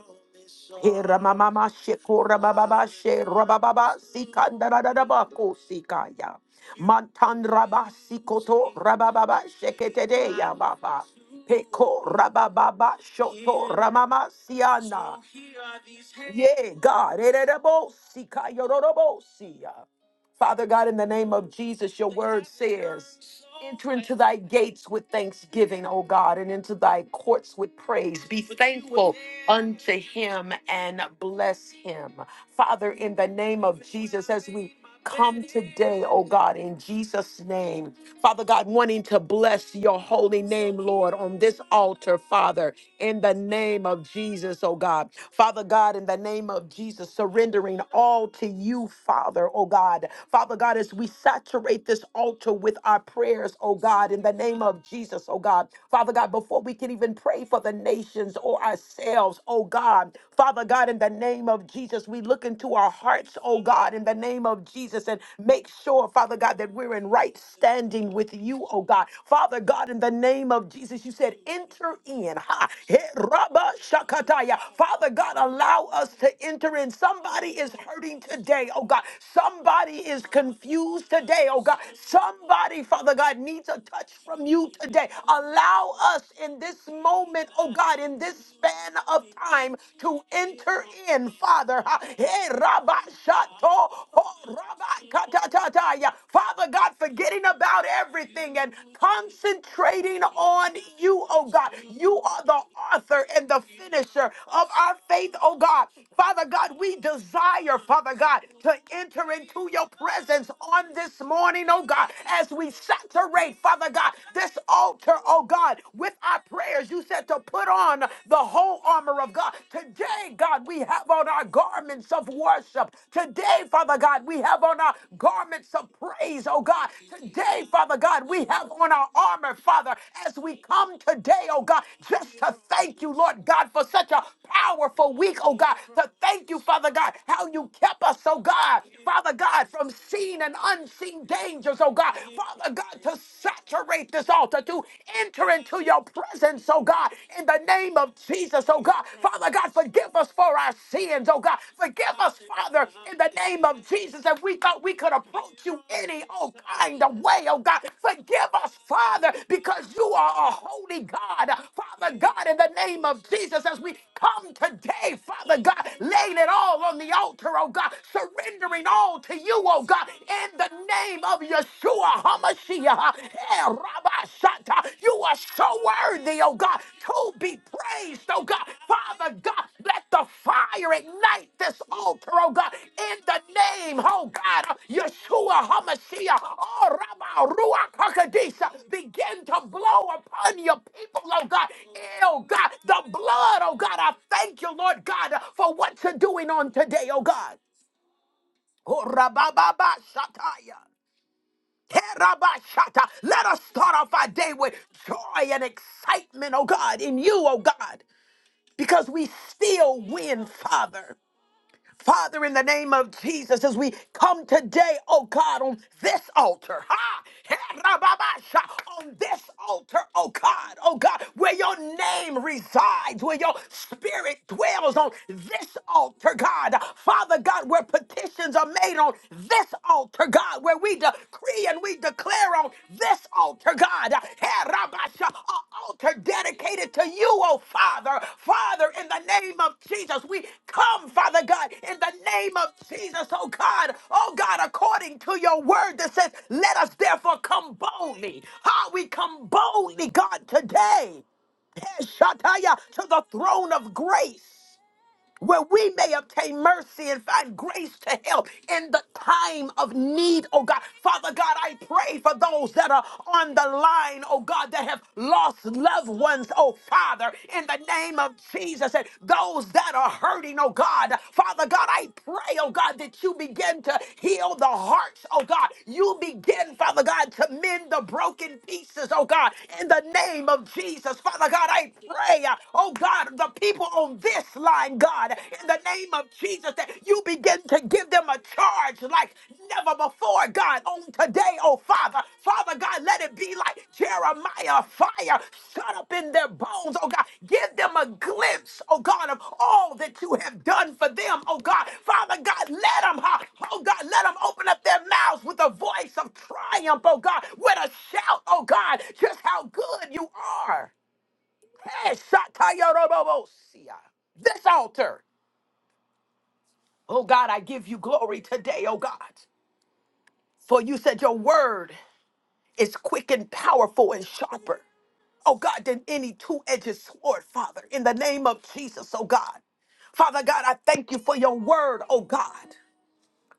[SPEAKER 1] He ramamama sheko rabababa she rabababa sikandaradaraba kosikaya. Mantan rabasi koto rabababa sheketede ya baba. Peko rabababa shoto ramama siana. Ye God, ererebo sikayororobo sia. Father God, in the name of Jesus, your word says, Enter into thy gates with thanksgiving, O God, and into thy courts with praise. Be thankful unto him and bless him. Father, in the name of Jesus, as we come today, O God, in Jesus' name. Father God, wanting to bless your holy name, Lord, on this altar, Father in the name of Jesus, oh God. Father God, in the name of Jesus, surrendering all to you, Father, oh God. Father God, as we saturate this altar with our prayers, oh God, in the name of Jesus, oh God. Father God, before we can even pray for the nations or ourselves, oh God. Father God, in the name of Jesus, we look into our hearts, oh God, in the name of Jesus, and make sure, Father God, that we're in right standing with you, oh God. Father God, in the name of Jesus, you said, enter in. Ha, he, rabba, shakataya. Father God, allow us to enter in. Somebody is hurting today, oh God. Somebody is confused today, oh God. Somebody, Father God, needs a touch from you today. Allow us in this moment, oh God, in this span of time to enter in, Father. Ha, he, rabba, shato, Rabbi Father God, forgetting about everything and concentrating on you, oh God. You are the author and the finisher of our faith, oh God. Father God, we desire, Father God, to enter into your presence on this morning, oh God, as we saturate, Father God, this altar, oh God, with our prayers. You said to put on the whole armor of God. Today, Today, God, we have on our garments of worship. Today, Father God, we have on our garments of praise, oh God. Today, Father God, we have on our armor, Father, as we come today, oh God, just to thank you, Lord God, for such a powerful week, oh God. To thank you, Father God, how you kept us, oh God. Father God, from seen and unseen dangers, oh God. Father God, to saturate this altar, to enter into your presence, oh God, in the name of Jesus, oh God. Father God, forgive us for our sins, oh God. Forgive us, Father, in the name of Jesus, if we thought we could approach you any, oh, kind of way, oh God. Forgive us, Father, because you are a holy God. Father God, in the name of Jesus, as we come today, Father God, laying it all on the altar, oh God, surrendering all to you, oh God, in the name of Yeshua, to a Hamashiach, eh, Rabba Santa. You are so worthy, oh God, to be praised, oh God. Father God, let the fire ignite this altar, oh God, in the name, oh God, of Yeshua Hamashiach, oh Rabba Ruach Hakodesh, Begin to blow upon your people, oh God. Eh, Oh God, the blood, oh God. I thank you, Lord God, for what you're doing on today, oh God. Oh, Rabba Baba Shataya. Kerabashata. Let us start off our day with joy and excitement, oh God, in you, oh God, because we still win, Father. Father, in the name of Jesus, as we come today, oh God, on this altar, ha, Herababasha, on this altar, oh God, oh God, where your name resides, where your spirit dwells on this altar, God. Father God, where petitions are made on this altar, God, where we decree and we declare on this altar, God, eh, Rabasha, a altar dedicated to you, oh Father. Father, in the name of Jesus, we come, Father God, in the name of Jesus, oh God, oh God, according to your word that says, let us therefore come boldly. How we come boldly, God, today. eh, Shataya, to the throne of grace where we may obtain mercy and find grace to help in the time of need, oh God. Father God, I pray for those that are on the line, oh God, that have lost loved ones, oh Father, in the name of Jesus, and those that are hurting, oh God. Father God, I pray, oh God, that you begin to heal the hearts, oh God. You begin, Father God, to mend the broken pieces, oh God, in the name of Jesus. Father God, I pray, oh God. God, the people on this line, God, in the name of Jesus, that you begin to give them a charge like never before, God, on today, oh Father. Father God, let it be like Jeremiah fire shut up in their bones, oh God. Give them a glimpse, oh God, of all that you have done for them, oh God. Father God, let them, huh, oh God, let them open up their mouths with a voice of triumph, oh God, with a shout, oh God, just how good you are. Eshakayorobosia. This altar. Oh God, I give you glory today, oh God. For you said your word is quick and powerful and sharper, oh God, than any two edged sword, Father, in the name of Jesus, oh God. Father God, I thank you for your word, oh God.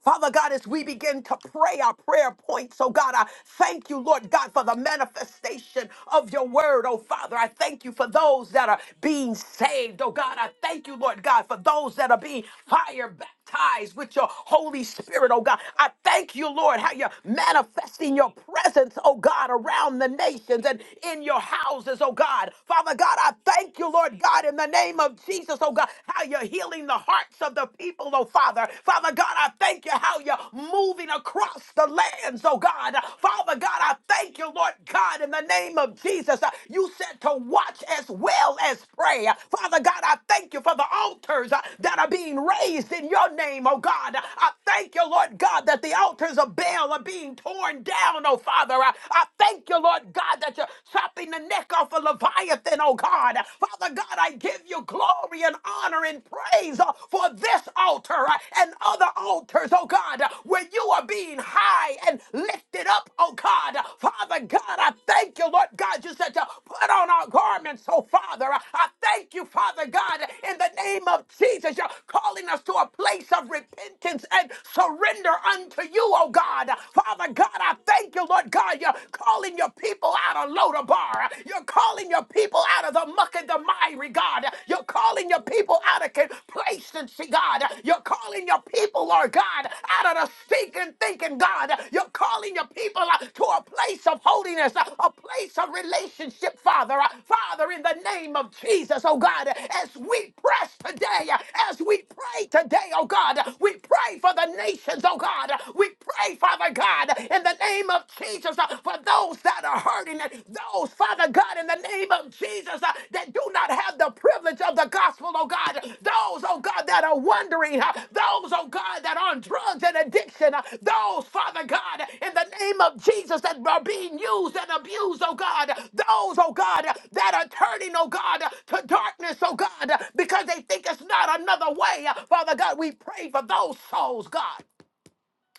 [SPEAKER 1] Father God, as we begin to pray our prayer points, oh God, I thank you, Lord God, for the manifestation of your word, oh Father. I thank you for those that are being saved, oh God. I thank you, Lord God, for those that are being fire baptized with your Holy Spirit, oh God. I thank you, Lord, how you're manifesting your presence, oh God, around the nations and in your houses, oh God. Father God, I thank you, Lord God, in the name of Jesus, oh God, how you're healing the hearts of the people, oh Father. Father God, I thank you how you're moving across the lands, oh God. Father God, I thank you, Lord God, in the name of Jesus. Uh, You said to watch as well as pray. Uh, Father God, I thank you for the altars uh, that are being raised in your name, oh God. Uh, I thank you, Lord God, that the altars of Baal are being torn down, oh Father. I I thank you, Lord God, that you're chopping the neck off of Leviathan, oh God. Uh, Father Father God, I give you glory and honor and praise uh, for this altar uh, and other altars, oh God, uh, where you are being high and lifted up, oh God. Uh, Father God, I thank you, Lord God. You said to put on our garments, oh Father. Uh, I thank Thank you, Father God, in the name of Jesus. You're calling us to a place of repentance and surrender unto you, oh God. Father God, I thank you, Lord God. You're calling your people out of Lodabar. You're calling your people out of the muck and the miry, God. You're calling your people out of complacency, God. You're calling your people, Lord God, out of the stinking thinking, God, you're calling your people uh, to a place of holiness, uh, a place of relationship, Father. Uh, Father, in the name of Jesus, oh God, as we press today, uh, as we pray today, oh God, we pray for the nations, oh God. We pray, Father God, in the name of Jesus, uh, for those that are hurting, and those, Father God, in the name of Jesus that do not have the privilege of the gospel, oh God. Those, oh God, that are wondering, uh, those, oh God, that are on drugs and addiction, uh, those, Father God, in the name of Jesus, that are being used and abused, oh God. Those, oh God, that are turning, oh God, to darkness, oh God, because they think it's not another way. Father God, we pray for those souls, God.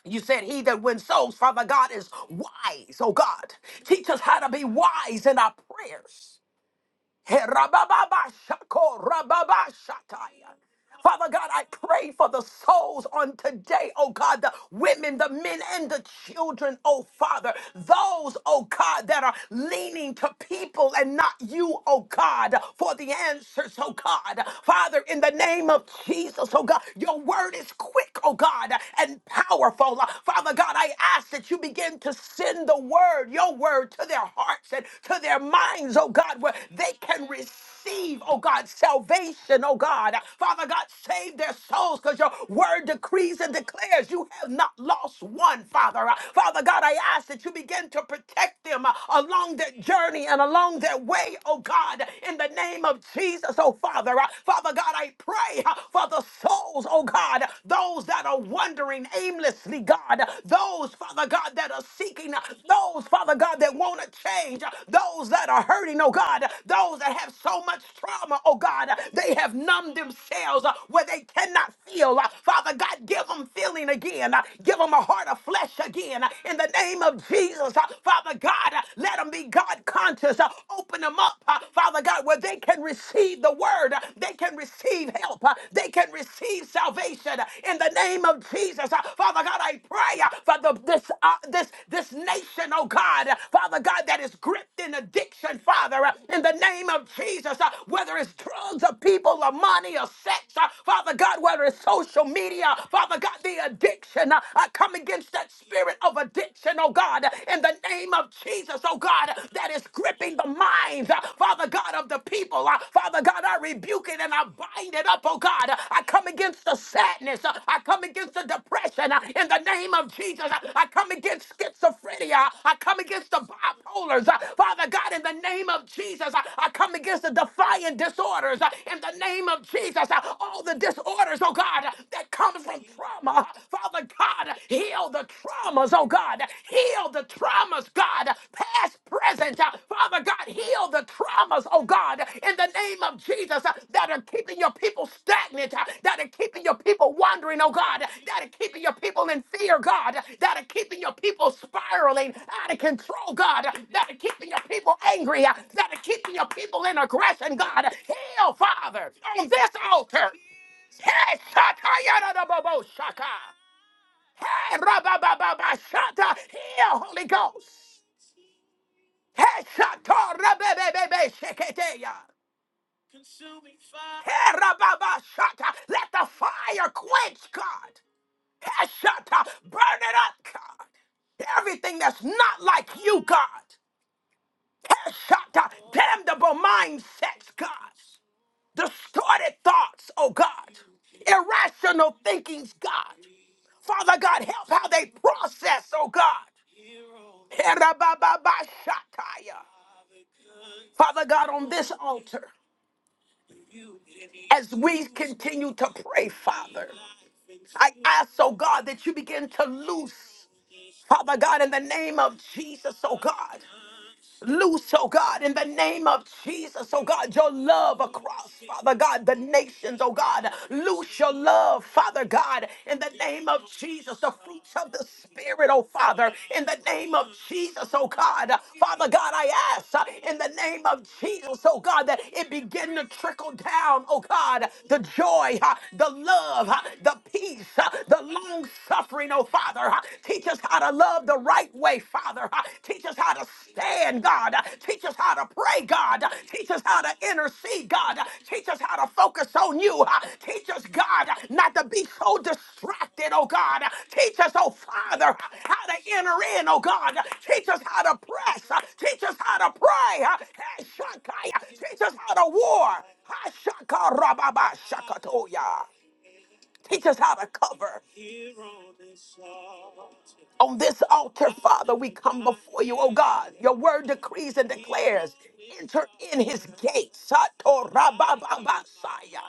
[SPEAKER 1] You said he that wins souls, Father God, is wise, oh God. Teach us how to be wise in our prayers. He Herababa shako rababa shataya. Father God, I pray for the souls on today, oh God, the women, the men, and the children, oh Father. Those, oh God, that are leaning to people and not you, oh God, for the answers, oh God. Father, in the name of Jesus, oh God, your word is quick, oh God, and powerful. Father God, I ask that you begin to send the your word, your word to their hearts and to their minds, oh God, where they can receive, oh God, salvation, oh God. Father God, save their souls because your word decrees and declares you have not lost one, Father. Uh, Father God, I ask that you begin to protect them uh, along their journey and along their way, oh God, in the name of Jesus, oh Father. Uh, Father God, I pray uh, for the souls, oh God, those that are are wandering aimlessly, God, those, Father God, that are seeking, those, Father God, that want to change, those that are hurting, oh God, those that have so much trauma, oh God, they have numbed themselves uh, where they cannot feel. Uh, Father God, give them feeling again, Uh, give them a heart of flesh again. Uh, In the name of Jesus, uh, Father God, uh, let them be God conscious. Uh, Open them up, uh, Father God, where they can receive the word word, uh, they can receive help. uh, They can receive salvation uh, in the name of Jesus. Uh, Father God, I pray uh, for the, this, uh, this, this nation, oh God, uh, Father God, that is gripped in addiction, Father, uh, in the name of Jesus, uh, whether it's drugs or people or money or sex, uh, Father God, whether it's social media, Father God, the addiction, uh, I come against that spirit of addiction, oh God, uh, in the name of Jesus, oh God, God, that is gripping the minds, uh, Father God, of the people. Uh, Father God, I rebuke it and I bind it up, oh God. Uh, I come against the sadness. Uh, I come against the depression uh, in the name of Jesus. Uh, I come against schizophrenia. I come against the bipolars. Uh, Father God, in the name of Jesus, uh, I come against the defiant disorders. Uh, In the name of Jesus, uh, all the disorders, oh God, uh, that comes from trauma. Uh, Father God, heal Heal the traumas, oh God. Heal the traumas, God. Past, present. uh, Father God, heal the traumas, oh God, in the name of Jesus uh, that are keeping your people stagnant, uh, that are keeping your people wandering, oh God, that are keeping your people in fear, God, that are keeping your people spiraling out of control, God, that are keeping your people angry, uh, that are keeping your people in aggression, God. Heal, Father, on this altar. Hey, Shaka. Yada, Da, Bo, Bo, Shaka. Hey, rababababashata. Here, Holy Ghost. Hey, shata, rababababa, sheketeya. Consuming fire. Hey, rababashata. Let the fire quench, God. Hey, shata. Burn it up, God. Everything that's not like you, God. Hey, shata. Damnable mindsets, God. distorted thoughts, oh God, irrational thinkings, God. Father God, help how they process, oh God. Herabababashataya. Father God, on this altar, as we continue to pray, Father, I ask, oh God, that you begin to loose, Father God, in the name of Jesus, oh God. Loose, oh God, in the name of Jesus, oh God, your love across, Father God, the nations, oh God. Loose your love, Father God, in the name of Jesus, the fruits of the Spirit, oh Father, in the name of Jesus, oh God. Father God, I ask uh, in the name of Jesus, oh God, that it begin to trickle down, oh God, the joy, uh, the love, uh, the peace, uh, the long suffering, oh Father, uh, Teach us how to love the right way, Father. Uh, Teach us how to stand, God. Uh, Teach us how to pray, God. Uh, Teach us how to intercede, God. Uh, Teach us how to focus on you. Uh, Teach us, God, uh, not to be so distracted, oh God. Uh, Teach us, oh Father, uh, how to enter in, oh God. Uh, Teach us how to press. Uh, Teach us how to pray. Uh, hey, Shakai, uh, Teach us how to war. Ha, Shaka, Rababa, Shakatoya. Teach us how to cover. On this altar, Father, we come before you, oh God. Your word decrees and declares, enter in his gates. Sato rabababasaya.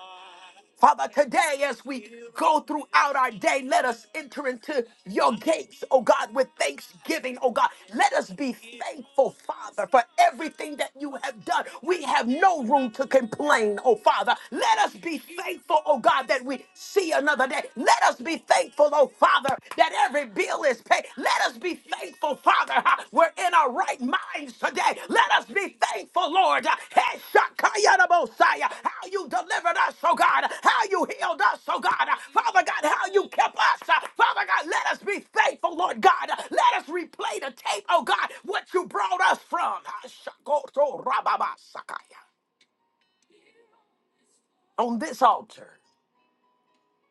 [SPEAKER 1] Father, today as we go throughout our day, let us enter into your gates, oh God, with thanksgiving, oh God. Let us be thankful, Father, for everything that you have done. We have no room to complain, oh Father. Let us be thankful, oh God, that we see another day. Let us be thankful, oh Father, that every bill is paid. Let us be thankful, Father. huh? We're in our right minds today. Let us be thankful, Lord. huh? Hey, Shakaya Messiah. How you delivered us, oh God, how you healed us, oh God, Father God, how you kept us, uh, Father God, let us be faithful, Lord God, let us replay the tape, oh God, what you brought us from. On this altar,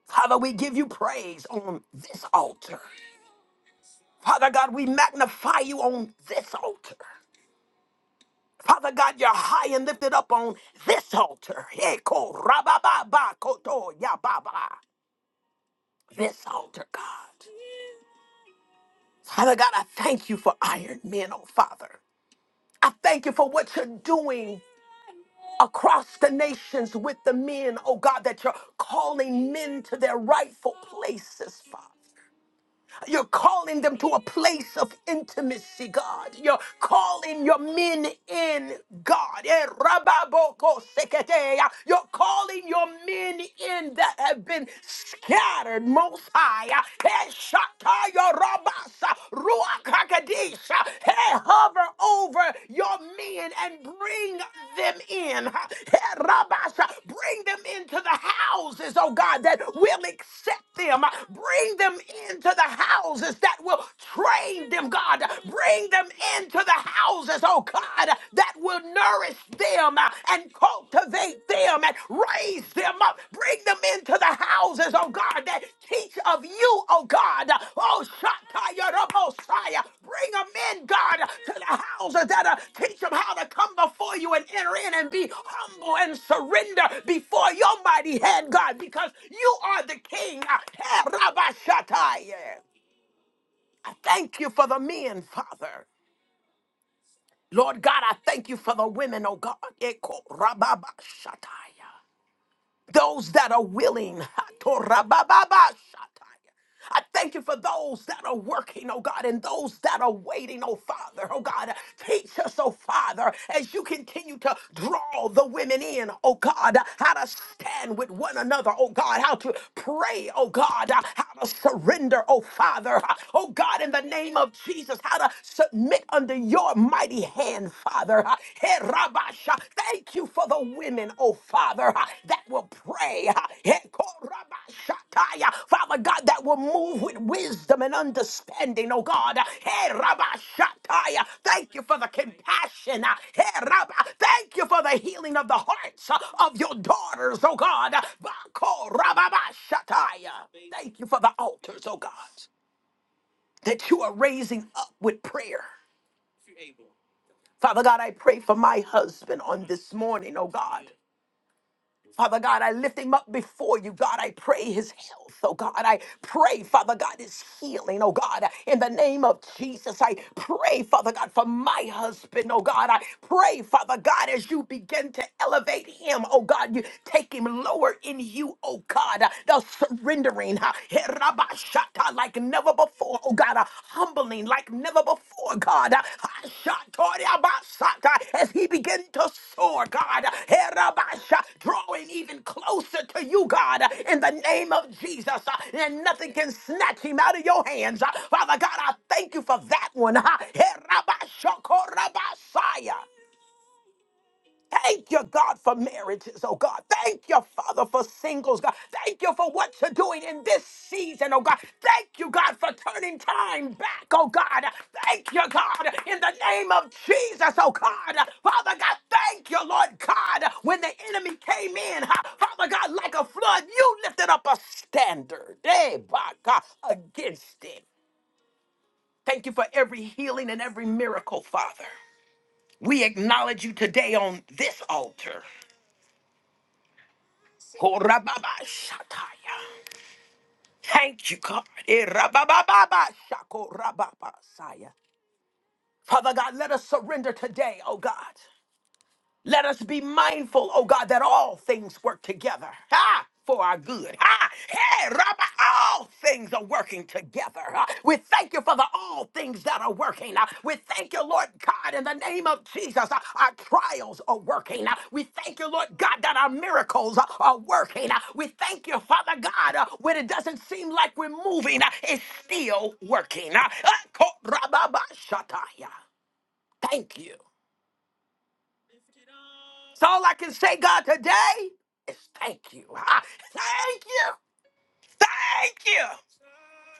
[SPEAKER 1] Father, we give you praise on this altar. Father God, we magnify you on this altar. Father God, you're high and lifted up on this altar. Eko rababa ba koto yababa. This altar, God. Father God, I thank you for Iron Men, oh Father. I thank you for what you're doing across the nations with the men, oh God, that you're calling men to their rightful places, Father. You're calling them to a place of intimacy, God. You're calling your men in, God. Eh, rababoko seketeya. You're calling your men in that have been scattered most high. Hey, shataya rabasa, ruach hakadisha. Hey, hover over your men and bring them in. Hey, rabasa, bring them into the houses, oh God, that will accept them. Bring them into the houses that will train them, God. Bring them into the houses, oh God, that will nourish them uh, and cultivate them and raise them up. Bring them into the houses, oh God, that teach of you, oh God. Oh, Shataya Rabosaya. Bring them in, God, to the houses that uh, teach them how to come before you and enter in and be humble and surrender before your mighty hand, God, because you are the King. Uh, Rabashataya. I thank you for the men, Father. Lord God, I thank you for the women, oh God. Eko rababa shataya those that are willing. I thank you for those that are working, oh God, and those that are waiting, oh Father, oh God. Teach us, oh Father, as you continue to draw the women in, oh God, how to stand with one another, oh God, how to pray, oh God, how to surrender, oh Father, oh God, in the name of Jesus, how to submit under your mighty hand. Father. Hey, Rabasha, Thank you for the women, oh Father, that will pray. Hey, Korabashataya. Father God, that will move with wisdom and understanding, oh God. Hey, Rabashataya. Thank you for the compassion. Hey, Rabba. Thank you for the healing of the hearts of your daughters, oh God. Bakorababashataya. Thank you for the altars, oh God, that you are raising up with prayer. Father God, I pray for my husband on this morning, oh God. Father God, I lift him up before you. God, I pray his health, oh God. I pray, Father God, his healing, oh God. In the name of Jesus, I pray, Father God, for my husband, oh God. I pray, Father God, as you begin to elevate him, oh God, you take him lower in you, oh God. The surrendering, uh, herabashata, like never never before. Oh God, uh, humbling like never before, God. Uh, Ashatoriabasata, As he began to soar, God. Uh, Herabasha, Drawing even closer to you, God, uh, in the name of Jesus. Uh, And nothing can snatch him out of your hands. Uh, Father God, I thank you for that one. Uh, Herabashokorabasaya. Thank you, God, for marriages, oh God. Thank you, Father, for singles, God. Thank you for what you're doing in this season, oh God. Thank you, God, for turning time back, oh God. Thank you, God, in the name of Jesus, oh God. Father God, thank you, Lord God, when the enemy came in, huh, Father God, like a flood, you lifted up a standard, eh, by God, against it. Thank you for every healing and every miracle, Father. We acknowledge you today on this altar. Korababashataya. Thank you, God. Eh, rababababashako rababasaya. Father God, let us surrender today, oh God. Let us be mindful, oh God, that all things work together ah, for our good. Ah, hey, Rabbi, all things are working together. Ah, we thank you for the all things that are working. Ah, we thank you, Lord God, in the name of Jesus. ah, our trials are working. Ah, we thank you, Lord God, that our miracles ah, are working. Ah, we thank you, Father God, ah, when it doesn't seem like we're moving, ah, it's still working. Ah, ah, ko- Rabba, ba, shataya. Thank you. So all I can say, God, today is thank you. Ah, Thank you. Thank you.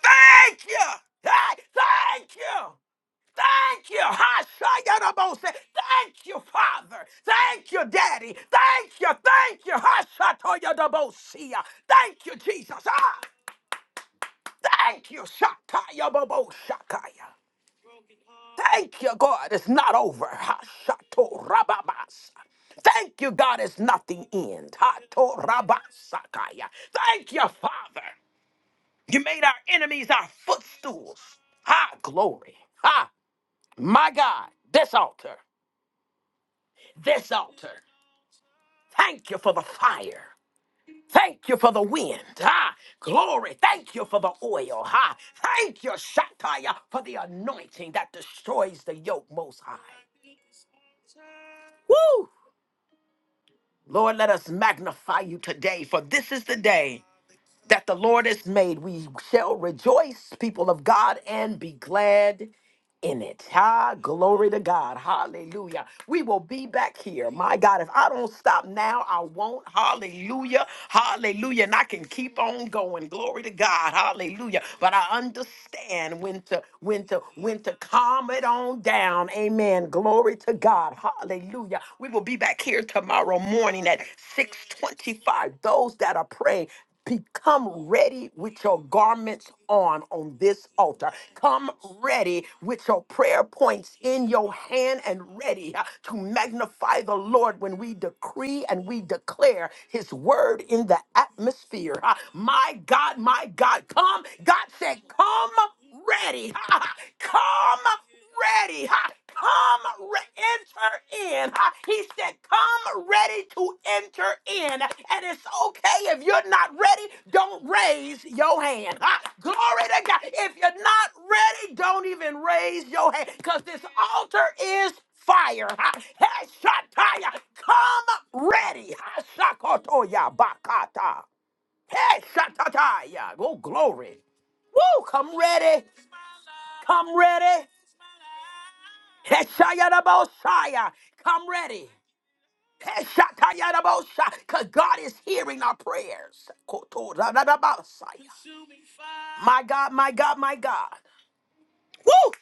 [SPEAKER 1] Thank you. Ah, Thank you. Thank you. Ah, Shayarabo said, Thank you, Father. Thank you, Daddy. Thank you. Thank you. Ah, Shatoyadabosia. Thank you, Jesus. Ah. Thank you, Shataya Babo Shakaya. Thank you, God, it's not over. Hashato Rababas. Thank you, God, it's not the end. Hato rabasakaya. Thank you, Father. You made our enemies our footstools. Ha glory. Ha, my God, this altar, this altar. Thank you for the fire. Thank you for the wind. Ah, glory. Thank you for the oil. Ah, thank you, Shataya, for the anointing that destroys the yoke most high. Woo! Lord, let us magnify you today, for this is the day that the Lord has made. We shall rejoice, people of God, and be glad in it. Ah, glory to God. Hallelujah. We will be back here. My God, if I don't stop now, I won't. Hallelujah. Hallelujah. And I can keep on going. Glory to God. Hallelujah. But I understand when to when to when to calm it on down. Amen. Glory to God. Hallelujah. We will be back here tomorrow morning at 625. Those that are praying. Become ready with your garments on on this altar. Come ready with your prayer points in your hand and ready uh, to magnify the Lord when we decree and we declare his word in the atmosphere. Uh, My God, my God, come. God said, come ready. Come ready. Ha. Come, re- enter in. Ha. He said, Come ready to enter in. And it's okay if you're not ready, don't raise your hand. Ha. Glory to God. If you're not ready, don't even raise your hand because this altar is fire. Ha. Heshataya. Come ready. Ha. Shakotoya bakata. Heshatataya. Oh, glory. Woo, come ready. Come ready. Heshayadaboshaya. Come ready. Heshatayadabosha. Cause God is hearing our prayers. Kotoradadabasaya. My God, my God, my God. Woo!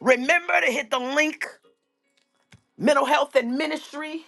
[SPEAKER 1] Remember to hit the link mental health and ministry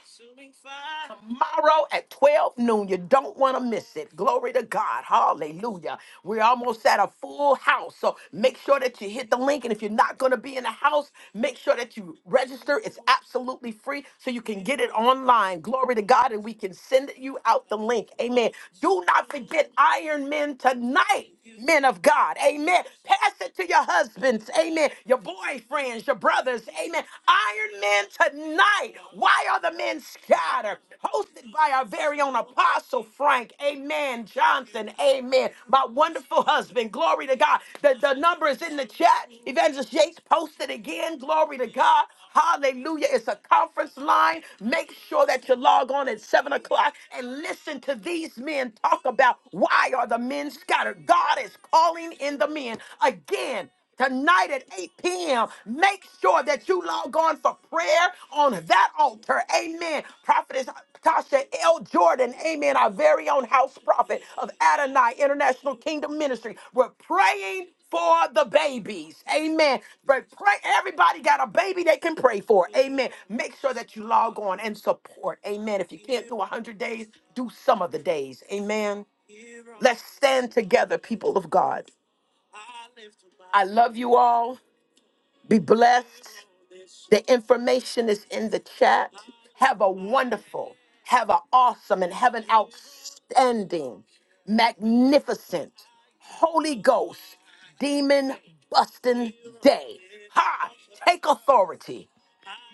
[SPEAKER 1] tomorrow at 12 noon. You don't want to miss it. Glory to God. Hallelujah. We're almost at a full house. So make sure that you hit the link. And if you're not going to be in the house, make sure that you register. It's absolutely free so you can get it online. Glory to God. And we can send you out the link. Amen. Do not forget Iron Men tonight men of God. Amen. Pass it to your husbands. Amen. Your boyfriends, your brothers. Amen. Iron men tonight. Why are the men scattered? Hosted by our very own Apostle Frank. Amen. Johnson. Amen. My wonderful husband. Glory to God. The, the number is in the chat. Evangelist Yates posted again. Glory to God. Hallelujah. It's a conference line. Make sure that you log on at 7 o'clock and listen to these men talk about why are the men scattered. God is calling in the men again tonight at 8 p.m. Make sure that you log on for prayer on that altar. Amen. Prophetess Tasha L. Jordan, amen, our very own house prophet of Adonai International Kingdom Ministry. We're praying for the babies. Amen. But pray everybody got a baby they can pray for. Amen. Make sure that you log on and support. Amen. If you can't do 100 days, do some of the days. Amen. Let's stand together people of God. I love you all. Be blessed. The information is in the chat. Have a wonderful, have an awesome, and have an outstanding, magnificent, Holy Ghost, demon busting day. Ha! Take authority.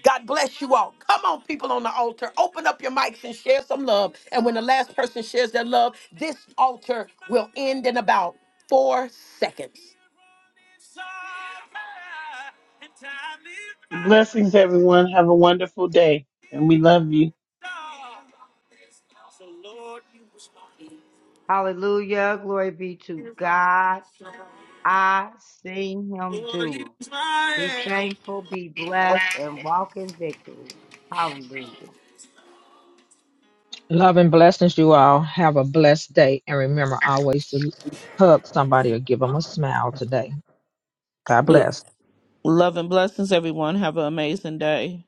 [SPEAKER 1] God bless you all. Come on, people on the altar. Open up your mics and share some love. And when the last person shares their love, this altar will end in about four seconds and time is my
[SPEAKER 4] Blessings, everyone. Have a wonderful day, and we love you.
[SPEAKER 1] So Lord, use my
[SPEAKER 3] Hallelujah. Glory be to
[SPEAKER 1] hand.
[SPEAKER 3] God. I seen him
[SPEAKER 1] Lord,
[SPEAKER 3] do. it.
[SPEAKER 1] use
[SPEAKER 3] Be
[SPEAKER 1] my
[SPEAKER 3] thankful, be blessed, and walk in victory. Hallelujah.
[SPEAKER 2] Love and blessings. You all. blessed day. And remember always to hug somebody, give them a smile today. God
[SPEAKER 5] L-
[SPEAKER 2] bless.
[SPEAKER 5] Love and blessings, everyone. Have an amazing day.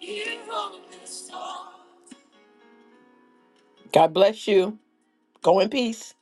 [SPEAKER 1] hand. God bless you. Go in peace.